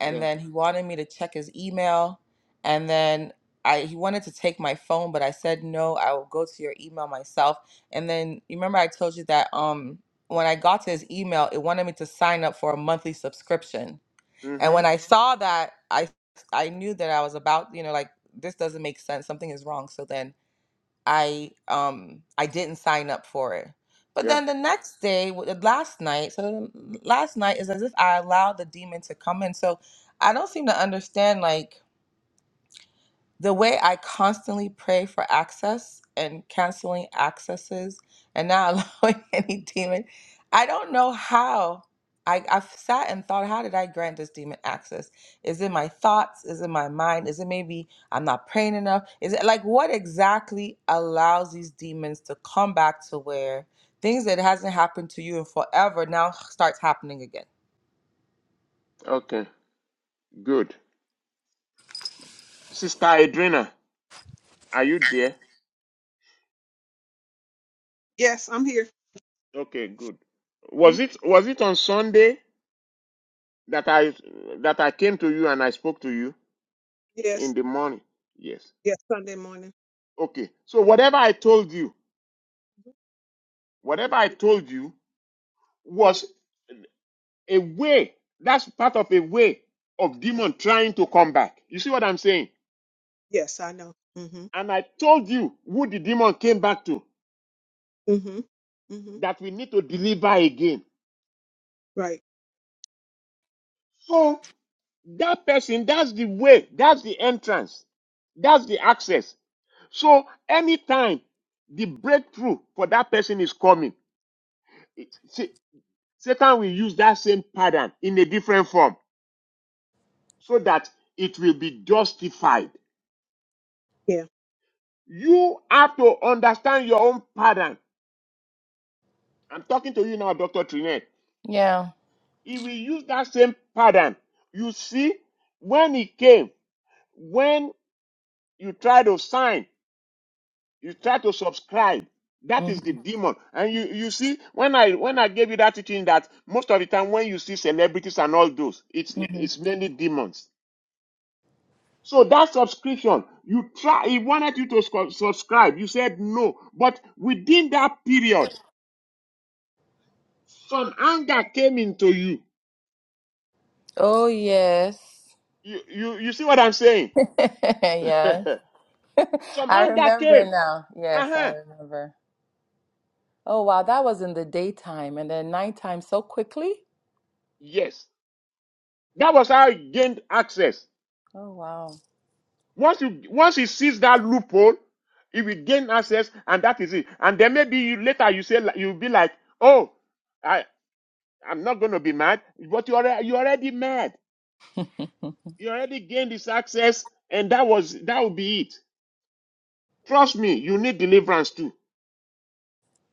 Speaker 1: and
Speaker 2: Yeah.
Speaker 1: then he wanted me to check his email and then I, he wanted to take my phone but i said no i will go to your email myself and then you remember i told you that um when i got to his email it wanted me to sign up for a monthly subscription and
Speaker 2: Mm-hmm.
Speaker 1: when i saw that i i knew that i was about you know like this doesn't make sense something is wrong so then I um I didn't sign up for it. But
Speaker 2: Yeah.
Speaker 1: then the next day, w- the last night, so the last night is as if I allowed the demon to come in. So I don't seem to understand. Like the way I constantly pray for access and canceling accesses and not <laughs> allowing any demon, I don't know how. I, I've sat and thought, how did I grant this demon access? Is it my thoughts? Is it my mind? Is it maybe I'm not praying enough? Is it like what exactly allows these demons to come back to where things that hasn't happened to you in forever now starts happening again?
Speaker 2: Okay. Good. Sister Adrena, are you there?
Speaker 7: Yes, I'm here.
Speaker 2: Okay, good.
Speaker 7: Mm,
Speaker 2: Was it was it on Sunday that I that I came to you and I spoke to you in
Speaker 7: Yes,
Speaker 2: the morning? Yes.
Speaker 7: yes, Sunday morning.
Speaker 2: Okay. So whatever I told you, whatever I told you was a way. That's part of a way of
Speaker 7: Yeah.
Speaker 2: demon trying to come back. You see what I'm saying?
Speaker 7: Yes, I know. Mm-hmm.
Speaker 2: And I told you who the demon came back to
Speaker 7: Mm-hmm. Mm-hmm.
Speaker 2: that we need to deliver again.
Speaker 7: Right.
Speaker 2: So that person, that's the way, that's the entrance, that's the access. So anytime the breakthrough for that person is coming, it- Sa- Satan will use that same pattern in a different form so that it will be justified.
Speaker 7: Yeah.
Speaker 2: You have to understand your own pattern. I'm talking to you now, Dr. Trinet.
Speaker 1: Yeah.
Speaker 2: He will use that same pattern. You see, when he came, when you try to sign, you try to subscribe. That
Speaker 1: hmm
Speaker 2: is the demon. And you, you see, when I when I gave you that teaching that most of the time when you see celebrities and all those, it's
Speaker 1: hmm
Speaker 2: it's mainly demons. So that subscription, you try, he wanted you to scu- subscribe. You said no. But within that period, some anger came into you.
Speaker 1: Oh yes.
Speaker 2: You, you, you see what I'm saying?
Speaker 1: <laughs> yeah.
Speaker 2: <laughs>
Speaker 1: <laughs>
Speaker 2: some
Speaker 1: I
Speaker 2: anger
Speaker 1: remember
Speaker 2: came.
Speaker 1: now. Yes, I
Speaker 2: Uh-huh.
Speaker 1: remember. Oh, wow. That was in the daytime and then nighttime so quickly.
Speaker 2: Yes. That was how he gained access.
Speaker 1: Oh, wow.
Speaker 2: Once you, once he sees that loophole, he will gain access and that is it. And then maybe you later you say, li- you'll be like, oh, I, I'm not going to be mad. But you already, you already mad.
Speaker 1: <laughs>
Speaker 2: You already gained this access, and that was that will be it. Trust me, you need deliverance too.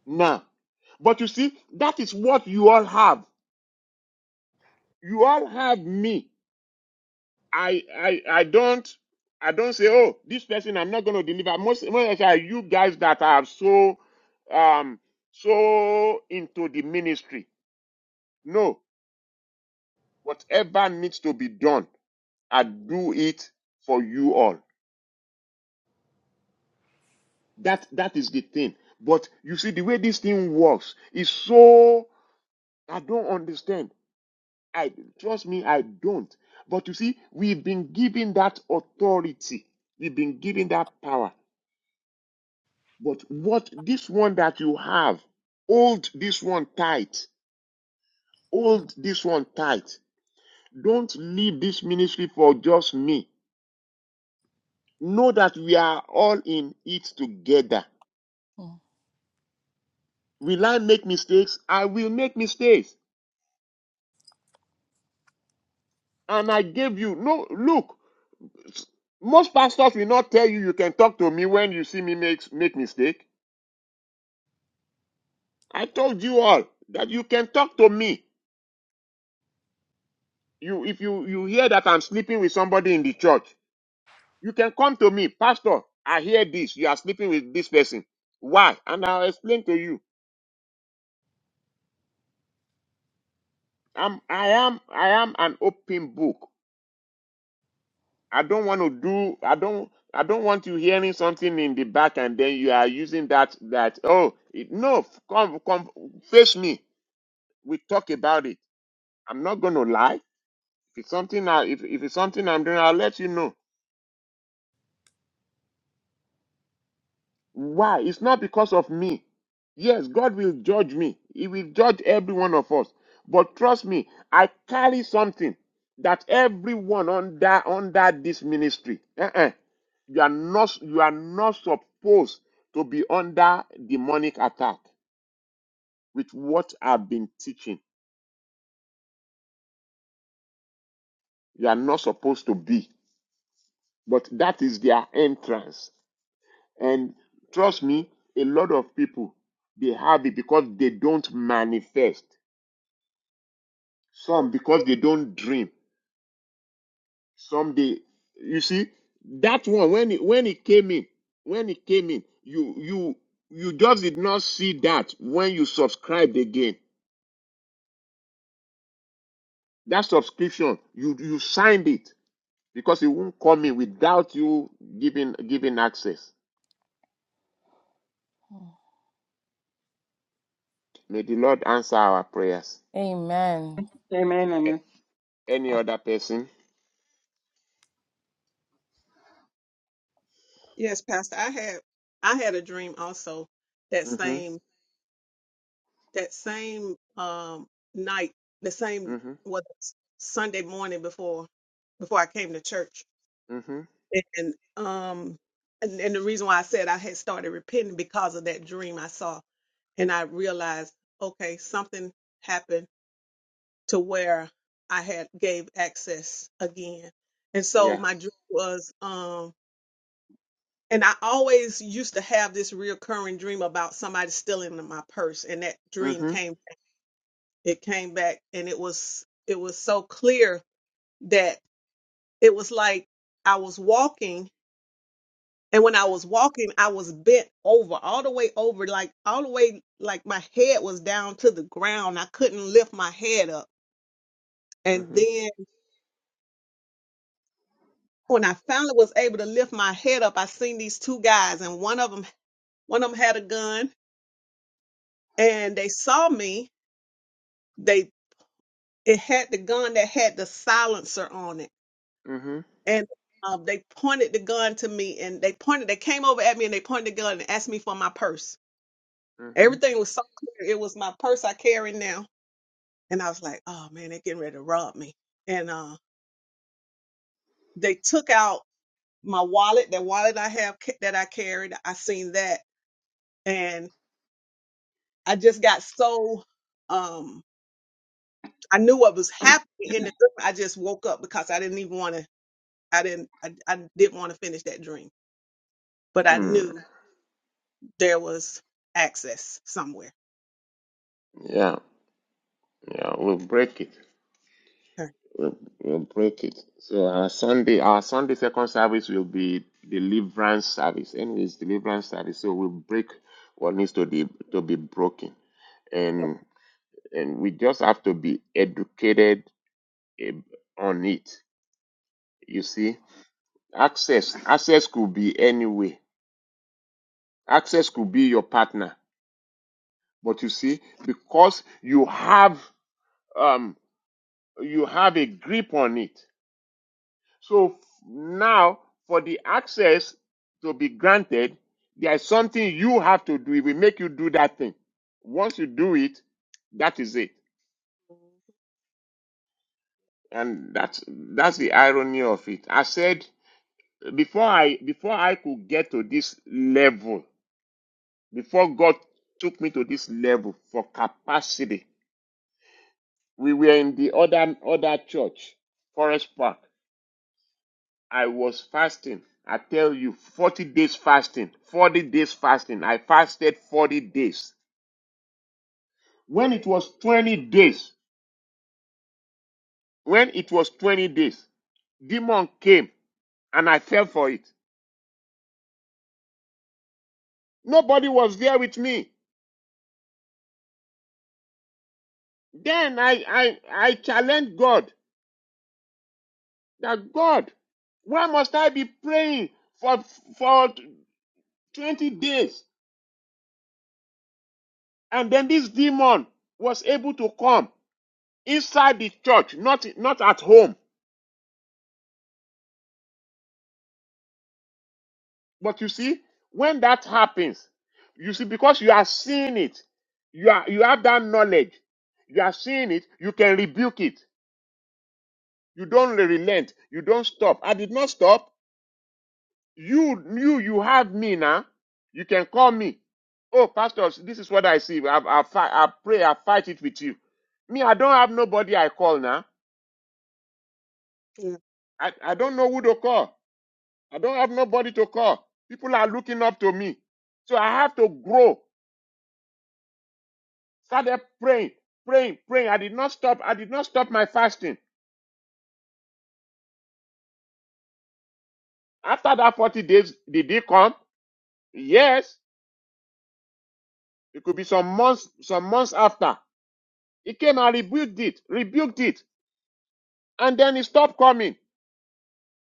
Speaker 2: Now. But you see, that is what you all have. You all have me. I I I don't I don't say, oh, this person I'm not gonna deliver. Most most are you guys that are so um so into the ministry. No, whatever needs to be done, I do it for you all. That that is the thing. But you see, the way this thing works is so I don't understand. I trust me, I don't. But you see, we've been given that authority, we've been given that power. But what this one that you have, hold this one tight. Hold this one tight. Don't leave this ministry for just me. Know that we are all in it together. Will I make mistakes? I will make mistakes. and I gave you. No, look, most pastors will not tell you you can talk to me when you see me make make mistake. I told you all that you can talk to me. You if you you hear that I'm sleeping with somebody in the church, you can come to me, pastor. I hear this. You are sleeping with this person. Why? And I'll explain to you. I'm I am I am an open book. I don't want to do I don't I don't want you hearing something in the back and then you are using that that oh it, no come come face me we talk about it I'm not going to lie if it's something I if, if it's something I'm doing I'll let you know why it's not because of me yes God will judge me he will judge every one of us but trust me I carry something that everyone under under this ministry Uh You are not you are not supposed to be under demonic attack with what I've been teaching. You are not supposed to be. But that is their entrance. And trust me, a lot of people they have it because they don't manifest. Some because they don't dream. Some they you see that one when it when it came in, when it came in, you you you just did not see that when you subscribed again That subscription, you you signed it because it won't come in without you giving giving access.
Speaker 1: Mhm.
Speaker 2: May the Lord answer our prayers.
Speaker 1: Amen.
Speaker 3: Amen.
Speaker 2: A-
Speaker 3: Amen.
Speaker 2: any other person?
Speaker 7: Yes, Pastor. I had I had a dream also that
Speaker 2: Mm-hmm.
Speaker 7: same that same um night, the same
Speaker 2: Mm-hmm.
Speaker 7: what Sunday morning before before I came to church.
Speaker 2: Mm-hmm.
Speaker 7: And um and, and the reason why I said I had started repenting because of that dream I saw and I realized, okay, something happened to where I had gave access again. And so
Speaker 2: Yeah.
Speaker 7: my dream was, um, and I always used to have this recurring dream about somebody stealing my purse, and that dream
Speaker 2: Mm-hmm.
Speaker 7: came, it came back, and it was, it was so clear that it was like I was walking, and when I was walking, I was bent over, all the way over, like all the way, like my head was down to the ground. I couldn't lift my head up And
Speaker 2: Mm-hmm.
Speaker 7: then when I finally was able to lift my head up, I seen these two guys, and one of them, one of them had a gun, and they saw me. They it had the gun that had the silencer on it,
Speaker 2: Mm-hmm.
Speaker 7: and um, they pointed the gun to me, and they pointed. They came over at me, and they pointed the gun and asked me for my purse.
Speaker 2: Mm-hmm.
Speaker 7: Everything was so clear. It was my purse I carry now, and I was like, "Oh man, they're getting ready to rob me." And uh, they took out my wallet, that wallet I have ca- that I carried. I seen that, I just got so um I knew what was
Speaker 3: Amen.
Speaker 7: happening in the dream. I just woke up because I didn't even want to I didn't I, I didn't want to finish that dream. But I
Speaker 2: Mm.
Speaker 7: knew there was access somewhere.
Speaker 2: Yeah. Yeah. We'll break it.
Speaker 7: Okay.
Speaker 2: We'll, we'll break it. So our Sunday, our Sunday second service will be deliverance service. Anyways, deliverance service. So we'll break what needs to be to be broken. and. and we just have to be educated eh, on it. You see, access access could be any way. Access could be your partner, but you see, because you have um you have a grip on it. So f- now, for the access to be granted, there is something you have to do. It will make you do that thing. Once you do it, that is it. And that's that's the irony of it. I said before I before I could get to this level, before God took me to this level for capacity, we were in the other other church, Forest Park. I was fasting. I tell you, 40 days fasting, 40 days fasting. I fasted 40 days. When it was 20 days, when it was 20 days, demon came and I fell for it. Nobody was there with me. Then I I I challenged God. That God, why must I be praying for for 20 days? And then this demon was able to come inside the church, not not at home. But you see, when that happens, you see, because you are seeing it, you are you have that knowledge, you are seeing it, you can rebuke it. You don't relent, you don't stop. I did not stop. You, you, you have me now. You can call me. Oh, pastors, this is what I see. I, I, fi- I pray, I fight it with you. Me, I don't have nobody I call now.
Speaker 7: Yeah.
Speaker 2: I, I don't know who to call. I don't have nobody to call. People are looking up to me. So I have to grow. Started praying, praying, praying. I did not stop. I did not stop my fasting. After that 40 days, did it come? Yes. It could be some months, some months after. It came, I rebuked it, rebuked it, and then it stopped coming.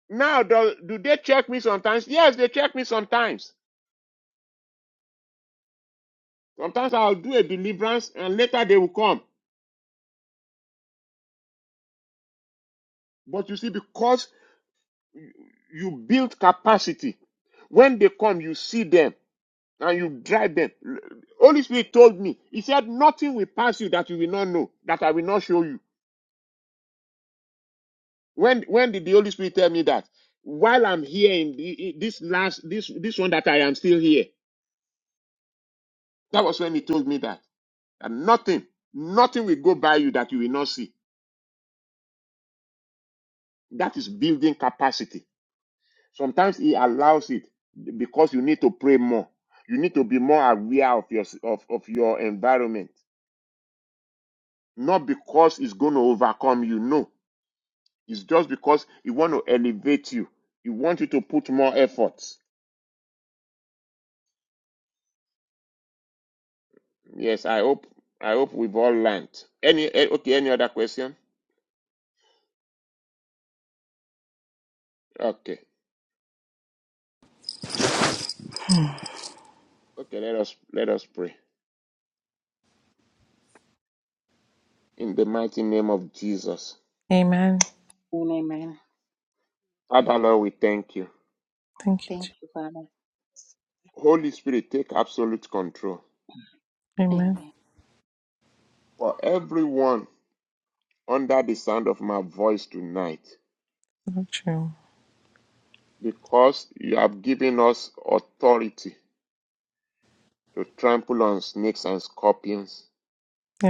Speaker 2: Now, do, do they check me sometimes? Yes, they check me sometimes. Sometimes I'll do a deliverance and later they will come. But you see, because you build capacity, when they come, you see them and you drive them. Holy Spirit told me, He said, Nothing will pass you that you will not know, that I will not show you. When when did the Holy Spirit tell me that? While I'm here in, the, in this last this this one that I am still here. That was when He told me that. And nothing, nothing will go by you that you will not see. That is building capacity. Sometimes He allows it because you need to pray more. You need to be more aware of your of, of your environment. Not because it's going to overcome you. No, it's just because He want to elevate you. He want you to put more efforts. Yes, I hope I hope we've all learned. Any eh, okay? Any other question? Okay, okay. Let us let us pray in the mighty name of Jesus.
Speaker 1: Amen.
Speaker 3: Amen.
Speaker 2: Father Lord, we thank you.
Speaker 1: Thank you,
Speaker 3: Thank
Speaker 1: Jesus.
Speaker 3: you, Father.
Speaker 2: Holy Spirit, take absolute control.
Speaker 1: Amen.
Speaker 3: Amen.
Speaker 2: for everyone under the sound of my voice tonight,
Speaker 1: Lord, you.
Speaker 2: because you have given us authority to trample on snakes and scorpions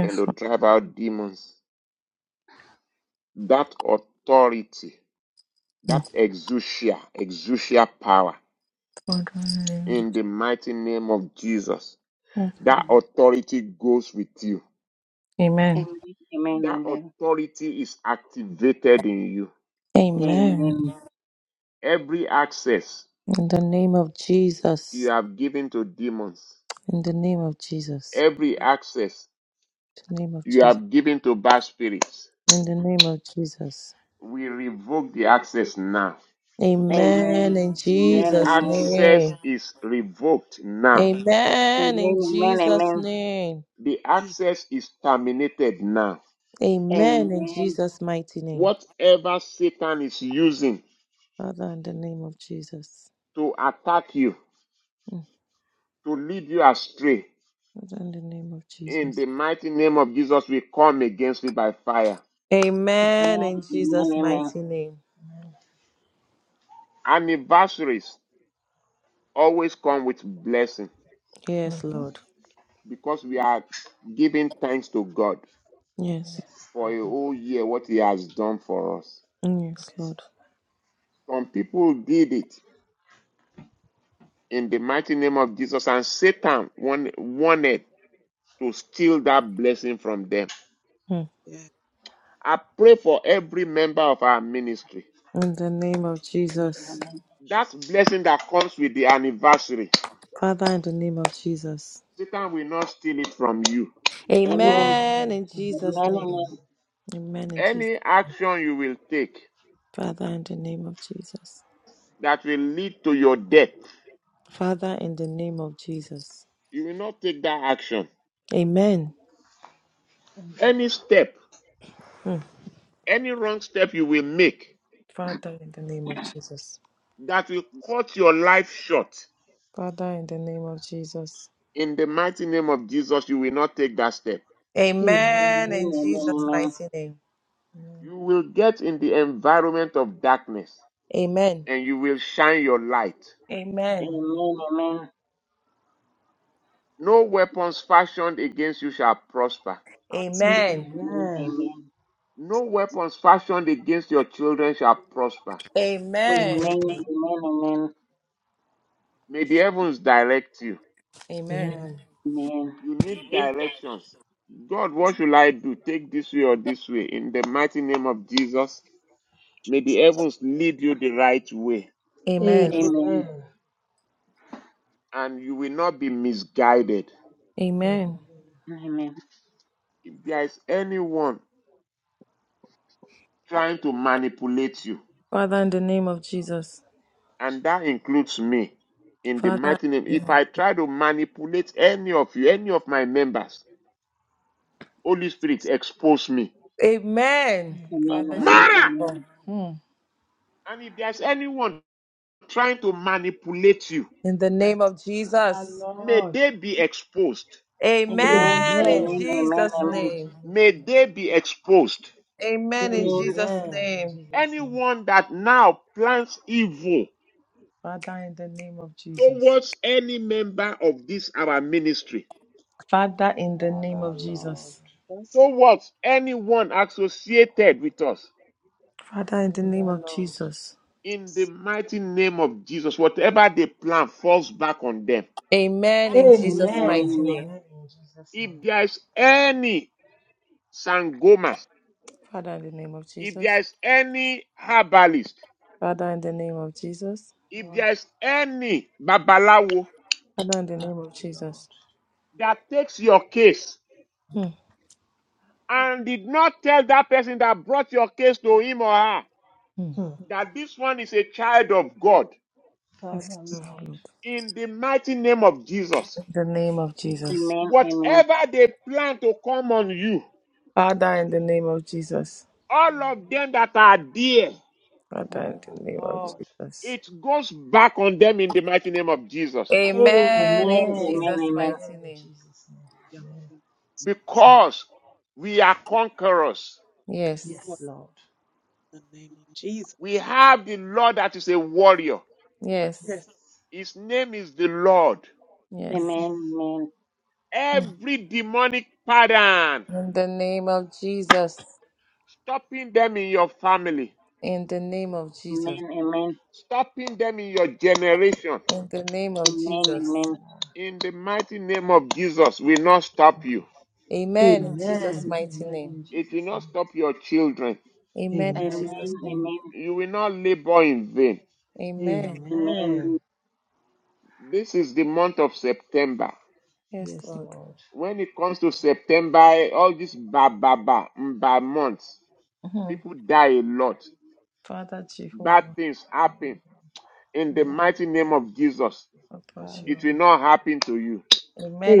Speaker 2: and to drive out demons. That authority,
Speaker 1: Lord.
Speaker 2: that exousia, exousia power,
Speaker 1: Lord,
Speaker 2: in the mighty name of Jesus,
Speaker 1: Lord.
Speaker 2: that
Speaker 3: Amen.
Speaker 2: authority goes with you.
Speaker 1: Amen.
Speaker 3: Amen. Amen.
Speaker 2: That
Speaker 3: Amen.
Speaker 2: authority is activated in you.
Speaker 1: Amen.
Speaker 3: Amen.
Speaker 2: Every access
Speaker 1: In the name of
Speaker 2: you
Speaker 1: Jesus.
Speaker 2: have given to demons,
Speaker 1: In the name of Jesus.
Speaker 2: every access
Speaker 1: In the name of
Speaker 2: you
Speaker 1: Jesus.
Speaker 2: have given to bad spirits.
Speaker 1: In the name of Jesus.
Speaker 2: We revoke the access now.
Speaker 1: Amen.
Speaker 3: Amen. Amen.
Speaker 1: In
Speaker 2: The
Speaker 3: Amen.
Speaker 1: Jesus'
Speaker 2: access
Speaker 1: name.
Speaker 2: is revoked now.
Speaker 1: Amen in
Speaker 3: Amen. Amen.
Speaker 1: Jesus'
Speaker 3: Amen.
Speaker 1: name.
Speaker 2: The
Speaker 7: Jesus.
Speaker 2: access is terminated now.
Speaker 3: Amen.
Speaker 1: Amen in
Speaker 3: Amen.
Speaker 1: Jesus' mighty name.
Speaker 2: Whatever Satan is using
Speaker 1: Father, in the name of Jesus.
Speaker 2: to attack you,
Speaker 1: Mm.
Speaker 2: to lead you astray,
Speaker 1: Father, in the name of
Speaker 2: in
Speaker 1: Jesus.
Speaker 2: the mighty name of Jesus, we come against it by fire.
Speaker 1: Amen in
Speaker 3: Amen. Amen.
Speaker 1: Jesus'
Speaker 3: Amen.
Speaker 1: mighty name.
Speaker 2: Anniversaries always come with blessing
Speaker 1: Yes,
Speaker 8: hmm
Speaker 1: Lord.
Speaker 2: because we are giving thanks to God
Speaker 1: Yes.
Speaker 8: Yes,
Speaker 2: for a
Speaker 8: Father.
Speaker 2: whole year what He has done for us.
Speaker 1: Mm, Yes, Lord.
Speaker 2: Some people did it in the mighty name of Jesus, and Satan wan- wanted to steal that blessing from them.
Speaker 1: Mm.
Speaker 7: Yeah.
Speaker 2: I pray for every member of our ministry.
Speaker 1: In the name of Jesus.
Speaker 3: Amen.
Speaker 2: That blessing that comes with the anniversary,
Speaker 1: Father, in the name of Jesus.
Speaker 2: Satan will not steal it from you.
Speaker 3: Amen.
Speaker 8: Amen.
Speaker 1: Amen in
Speaker 3: Amen,
Speaker 8: Amen.
Speaker 3: amen,
Speaker 1: Jesus'
Speaker 3: amen, amen,
Speaker 1: name. Amen in Jesus.
Speaker 2: Any action you will take
Speaker 1: Father, in the name of Jesus.
Speaker 2: that will lead to your death,
Speaker 1: Father, in the name of Jesus.
Speaker 2: you will not take that action.
Speaker 1: Amen.
Speaker 8: Amen.
Speaker 2: Any step,
Speaker 1: Mm.
Speaker 2: any wrong step you will make
Speaker 1: Father, in the name of Jesus.
Speaker 2: that will cut your life short,
Speaker 1: Father, in the name of Jesus.
Speaker 2: in the mighty name of Jesus, you will not take that step.
Speaker 8: Amen. Amen.
Speaker 1: Amen. In Jesus' mighty name.
Speaker 8: Amen.
Speaker 2: You will get in the environment of darkness
Speaker 1: Amen.
Speaker 2: and you will shine your light.
Speaker 3: amen,
Speaker 1: Amen.
Speaker 3: amen,
Speaker 2: No weapons fashioned against you shall prosper.
Speaker 7: That's
Speaker 8: Amen.
Speaker 7: right,
Speaker 1: Amen.
Speaker 3: amen, amen, amen,
Speaker 2: No weapons fashioned against your children shall prosper.
Speaker 1: Amen.
Speaker 8: Amen.
Speaker 3: amen,
Speaker 2: May the heavens direct you.
Speaker 1: Amen.
Speaker 2: You need directions. God, what shall I do? Take this way or this way. In the mighty name of Jesus, may the
Speaker 7: Jesus.
Speaker 2: heavens lead you the right way
Speaker 3: amen, amen,
Speaker 1: Amen.
Speaker 7: It-
Speaker 3: amen,
Speaker 2: and you will not be misguided.
Speaker 8: Amen.
Speaker 1: Amen.
Speaker 2: If there is anyone trying to manipulate you,
Speaker 1: Father, in the name of Jesus.
Speaker 2: and that includes me in the
Speaker 1: Father,
Speaker 2: mighty name if i try to manipulate any of you any of my members holy spirit expose me
Speaker 1: Amen.
Speaker 3: amen,
Speaker 8: Amen.
Speaker 1: Father
Speaker 3: amen,
Speaker 2: mara
Speaker 1: Jehovah. Hmm.
Speaker 2: and if there's anyone trying to manipulate you
Speaker 1: In the name
Speaker 7: that's
Speaker 1: of
Speaker 8: Father,
Speaker 1: Jesus.
Speaker 2: may
Speaker 8: Lord.
Speaker 2: they be exposed
Speaker 1: Amen. In
Speaker 8: Amen.
Speaker 1: Jesus'
Speaker 8: Amen. In
Speaker 1: name.
Speaker 8: Jesus'
Speaker 2: may
Speaker 8: name.
Speaker 2: they be exposed
Speaker 1: Amen. In
Speaker 3: amen,
Speaker 1: Jesus'
Speaker 8: Amen. In
Speaker 1: name.
Speaker 8: Jesus' name.
Speaker 2: anyone that now plans evil
Speaker 1: Father, in the name of Jesus.
Speaker 2: towards any member of this our ministry
Speaker 1: Father, in the name
Speaker 8: Father,
Speaker 1: of
Speaker 8: Lord.
Speaker 1: Jesus.
Speaker 7: us.
Speaker 2: towards anyone associated with us
Speaker 1: Father, in the name
Speaker 8: Father,
Speaker 1: of
Speaker 8: Lord.
Speaker 1: Jesus.
Speaker 2: in the mighty name of Jesus, whatever they plan falls back on them.
Speaker 1: Amen in Jesus'
Speaker 8: Amen.
Speaker 1: mighty name.
Speaker 8: Amen. In Jesus' name.
Speaker 2: If there is any Sangoma,
Speaker 1: Father, in the name of
Speaker 2: if there
Speaker 1: Jesus.
Speaker 2: is any herbalist,
Speaker 1: Father, in the name of Jesus.
Speaker 2: if
Speaker 8: Lord.
Speaker 2: there is any Babalawo
Speaker 1: Father, in the
Speaker 8: Father,
Speaker 1: name of
Speaker 8: Lord.
Speaker 1: Jesus.
Speaker 2: that takes your case
Speaker 1: Hmm,
Speaker 2: and did not tell that person that brought your case to him or her
Speaker 1: hmm.
Speaker 8: Hmm.
Speaker 2: that this one is a child of God,
Speaker 8: Father,
Speaker 1: Yes,
Speaker 8: Lord.
Speaker 1: Lord.
Speaker 2: in the mighty name of Jesus,
Speaker 1: In the name of Jesus.
Speaker 3: amen, amen.
Speaker 2: whatever they plan to come on you,
Speaker 1: Father, in
Speaker 7: Like,
Speaker 1: the name of Jesus.
Speaker 2: all of them that are there
Speaker 1: Father,
Speaker 8: Father,
Speaker 1: in the name of
Speaker 8: Lord.
Speaker 1: Jesus.
Speaker 2: It goes back on them in the mighty name of Jesus
Speaker 7: thank
Speaker 1: Amen in
Speaker 8: Amen.
Speaker 1: Jesus'
Speaker 8: Amen.
Speaker 1: mighty
Speaker 8: In
Speaker 1: name.
Speaker 8: Jesus'
Speaker 7: you,
Speaker 8: name. Amen.
Speaker 2: because we are conquerors.
Speaker 8: Yes,
Speaker 7: Lord,
Speaker 1: Yes.
Speaker 8: Lord.
Speaker 7: in the name of
Speaker 2: We
Speaker 7: Jesus.
Speaker 2: have the Lord that is a warrior.
Speaker 1: Yes.
Speaker 7: Yes.
Speaker 8: Yes.
Speaker 2: His name is the Lord.
Speaker 3: Amen, amen,
Speaker 1: Yes.
Speaker 8: Yes.
Speaker 3: amen, amen,
Speaker 1: Hmm.
Speaker 2: Every demonic pattern
Speaker 1: In the name of Jesus.
Speaker 2: stopping them in your family,
Speaker 1: In the name of Jesus.
Speaker 3: amen, amen, amen, amen,
Speaker 2: stopping them in your generation,
Speaker 1: In the name of
Speaker 8: Heavenly
Speaker 1: Jesus.
Speaker 3: amen,
Speaker 8: Father.
Speaker 2: in the mighty name of Jesus, will not stop you.
Speaker 1: Amen. In Jesus'
Speaker 8: Amen.
Speaker 1: mighty
Speaker 8: Amen.
Speaker 1: name.
Speaker 8: In
Speaker 2: It will
Speaker 8: Jesus'
Speaker 2: not stop your children.
Speaker 1: Amen.
Speaker 8: name.
Speaker 1: In
Speaker 7: that's
Speaker 1: Jesus'
Speaker 8: Amen.
Speaker 1: name.
Speaker 3: amen,
Speaker 2: You will not labor in vain.
Speaker 1: Amen.
Speaker 3: amen, amen,
Speaker 8: Amen.
Speaker 2: This is the month of September.
Speaker 1: Yes,
Speaker 8: Yes,
Speaker 1: Lord.
Speaker 8: Lord.
Speaker 2: when it comes to September, all these ba ba ba ba months,
Speaker 1: Mhm.
Speaker 2: people die a lot.
Speaker 1: Father
Speaker 2: Bad
Speaker 1: Jehovah.
Speaker 2: things happen. In the
Speaker 1: Mhm.
Speaker 8: Father,
Speaker 2: mighty name of Jesus,
Speaker 1: Papa
Speaker 8: Father.
Speaker 2: it will
Speaker 1: Jehovah.
Speaker 2: not happen to you.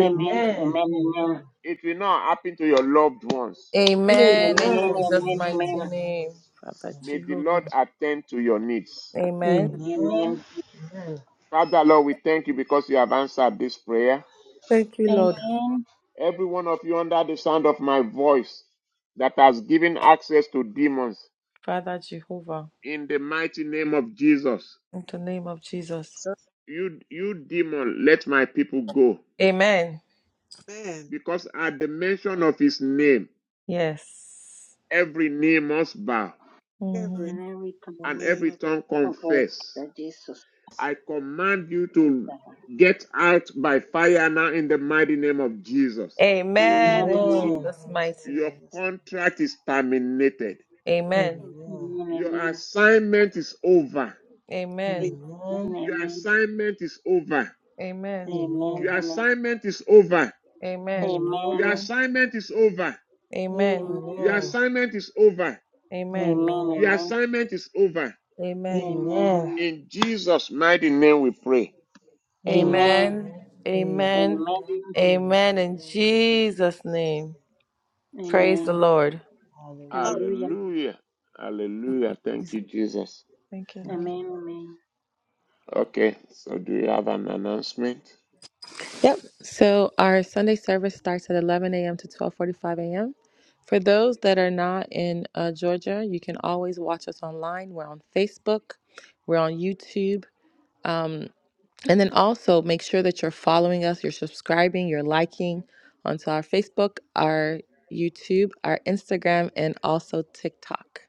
Speaker 3: amen, amen, amen, amen, amen,
Speaker 8: Amen.
Speaker 3: amen,
Speaker 2: It will not happen to your loved ones.
Speaker 1: Amen.
Speaker 8: Amen.
Speaker 1: In
Speaker 8: Amen.
Speaker 3: amen, amen, amen, amen, amen, amen, amen,
Speaker 1: Jesus'
Speaker 8: Amen.
Speaker 1: mighty
Speaker 3: amen,
Speaker 8: In
Speaker 1: name.
Speaker 8: Jesus'
Speaker 1: Father
Speaker 2: May the Lord
Speaker 1: Jehovah.
Speaker 2: attend to your needs.
Speaker 8: name.
Speaker 1: Amen.
Speaker 3: amen, amen, amen.
Speaker 8: Amen. Amen.
Speaker 2: Father, Lord, we thank you because you have answered this prayer.
Speaker 1: Thank
Speaker 3: Amen.
Speaker 1: you, Lord.
Speaker 3: amen,
Speaker 2: Every one of you under the sound of my voice that has given access to demons,
Speaker 1: Father Jehovah.
Speaker 2: in the mighty name of Jesus,
Speaker 1: In the name of Jesus.
Speaker 2: you, you demon, let my people go.
Speaker 1: Amen.
Speaker 7: Man,
Speaker 2: Because at the mention of his name,
Speaker 1: Yes.
Speaker 2: every knee must bow
Speaker 7: every
Speaker 3: And
Speaker 1: Mhm.
Speaker 3: every confess
Speaker 7: in
Speaker 2: and
Speaker 7: the name
Speaker 2: every
Speaker 7: of
Speaker 2: tongue confess.
Speaker 3: that Jesus
Speaker 2: I command you
Speaker 3: is
Speaker 2: to
Speaker 3: the head.
Speaker 2: get out by fire now in the mighty name of Jesus.
Speaker 8: Amen.
Speaker 1: Amen.
Speaker 3: Amen,
Speaker 1: In
Speaker 8: Amen.
Speaker 1: Jesus' mighty
Speaker 2: Your
Speaker 1: name.
Speaker 8: In Jesus' name.
Speaker 2: contract is terminated.
Speaker 1: Amen.
Speaker 3: amen,
Speaker 8: Amen.
Speaker 2: Your
Speaker 3: amen,
Speaker 2: assignment is over.
Speaker 1: Amen.
Speaker 7: Wait,
Speaker 8: Amen.
Speaker 2: Your
Speaker 3: amen,
Speaker 2: assignment is over.
Speaker 3: amen,
Speaker 1: Amen.
Speaker 3: amen,
Speaker 8: Amen.
Speaker 2: Your assignment is over.
Speaker 8: Amen.
Speaker 1: Amen.
Speaker 3: amen,
Speaker 2: Your
Speaker 8: Amen.
Speaker 2: assignment is over.
Speaker 3: amen,
Speaker 1: Amen.
Speaker 2: Your
Speaker 3: amen,
Speaker 8: Amen.
Speaker 2: assignment is over.
Speaker 3: amen, amen,
Speaker 1: Amen.
Speaker 2: Your
Speaker 3: amen,
Speaker 2: assignment is over.
Speaker 8: Amen.
Speaker 1: Amen.
Speaker 8: Amen.
Speaker 2: In Jesus' mighty name we pray.
Speaker 3: amen,
Speaker 1: Amen.
Speaker 8: Amen.
Speaker 1: Amen.
Speaker 3: amen,
Speaker 8: Amen.
Speaker 1: Amen. In
Speaker 8: In Jesus' name.
Speaker 1: Jesus' name.
Speaker 3: amen,
Speaker 1: Praise the
Speaker 3: amen,
Speaker 1: Lord.
Speaker 7: hallelujah.
Speaker 8: Hallelujah.
Speaker 3: hallelujah,
Speaker 2: Hallelujah. Hallelujah. Thank you, Jesus.
Speaker 1: Thank you,
Speaker 8: Thank
Speaker 1: Lord.
Speaker 8: you,
Speaker 3: amen,
Speaker 8: Lord.
Speaker 2: Okay, so do you have an announcement?
Speaker 1: Yep. So our Sunday service starts at 11 a.m. to 12:45 a.m. For those that are not in uh, Georgia, you can always watch us online. We're on Facebook, we're on YouTube. Um. And then also make sure that you're following us, you're subscribing, you're liking onto our Facebook, our YouTube, our Instagram, and also TikTok.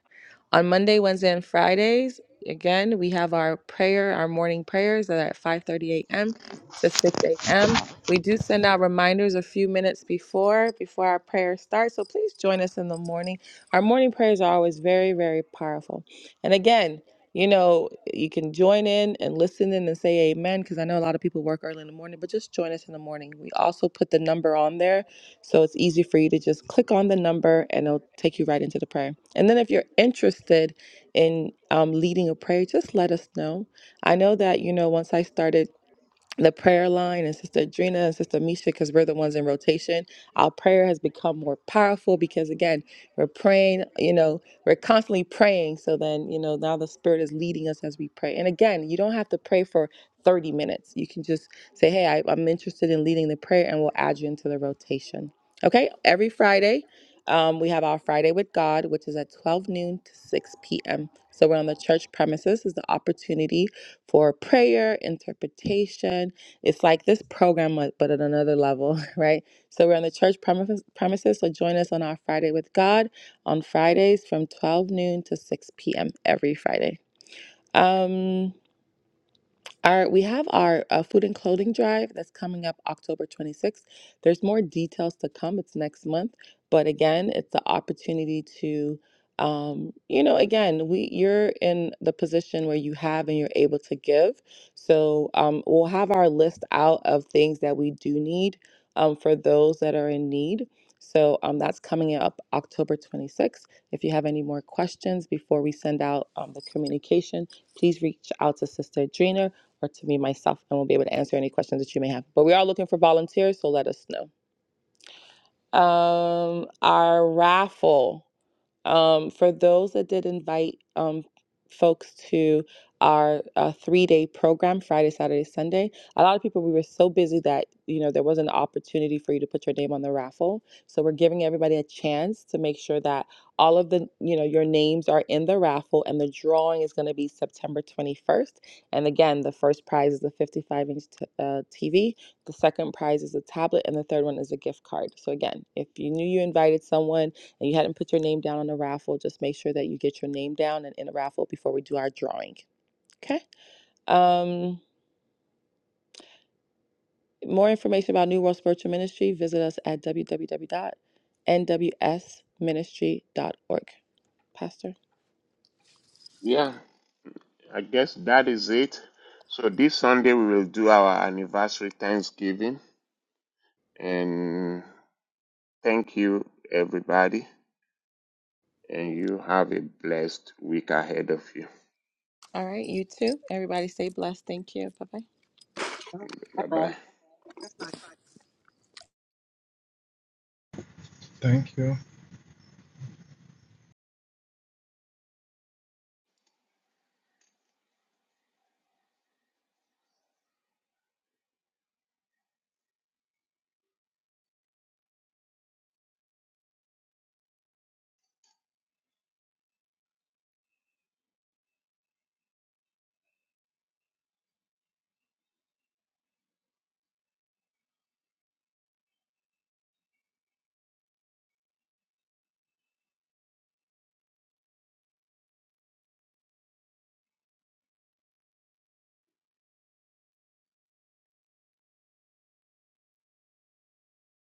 Speaker 1: On Monday, Wednesday, and Fridays, again, we have our prayer, our morning prayers that are at 5:30 a.m. to 6 a.m. We do send out reminders a few minutes before before our prayer starts, so please join us in the morning. Our morning prayers are always very, very powerful. And again, you know, you can join in and listen in and say amen because I know a lot of people work early in the morning, but just join us in the morning. We also put the number on there so it's easy for you to just click on the number and it'll take you right into the prayer. And then if you're interested in um, leading a prayer, just let us know. I know that, you know, once I started the prayer line and Sister Adrena and Sister Misha because we're the ones in rotation. Our prayer has become more powerful because again, we're praying, you know, we're constantly praying. So then, you know, now the Spirit is leading us as we pray. And again, you don't have to pray for 30 minutes. You can just say, hey, I, I'm interested in leading the prayer and we'll add you into the rotation. Okay, every Friday, um, we have our Friday with God, which is at 12 noon to 6 p.m. So we're on the church premises. This is the opportunity for prayer, interpretation. It's like this program, but but at another level, <laughs> right? So we're on the church premises. premises, So join us on our Friday with God on Fridays from 12 noon to 6 p.m. every Friday. Um, our, we have our uh, food and clothing drive that's coming up October 26th. There's more details to come. It's next month, but again, it's the opportunity to, um, you know, again, we you're in the position where you have and you're able to give. So um, we'll have our list out of things that we do need um, for those that are in need. So um, that's coming up October 26th. If you have any more questions before we send out um, the communication, please reach out to Sister Adrena or to me myself, and we'll be able to answer any questions that you may have. But we are looking for volunteers, so let us know. Um, our raffle. Um, for those that did invite um, folks to our uh, three-day program, Friday, Saturday, Sunday, a lot of people we were so busy that you know there wasn't an opportunity for you to put your name on the raffle. So we're giving everybody a chance to make sure that all of the you know your names are in the raffle, and the drawing is going to be September 21st. And again, the first prize is a 55-inch t- uh, TV. The second prize is a tablet, and the third one is a gift card. So again, if you knew you invited someone and you hadn't put your name down on the raffle, just make sure that you get your name down and in the raffle before we do our drawing. Okay. Um, more information about New World Spiritual Ministry, visit us at w w w dot n w s ministry dot org. Pastor.
Speaker 2: Yeah, I guess that is it. So this Sunday we will do our anniversary Thanksgiving and thank you everybody and you have a blessed week ahead of you.
Speaker 1: All right. You too. Everybody stay blessed. Thank you. Bye bye.
Speaker 2: Bye
Speaker 3: amen.
Speaker 2: bye.
Speaker 4: Thank you.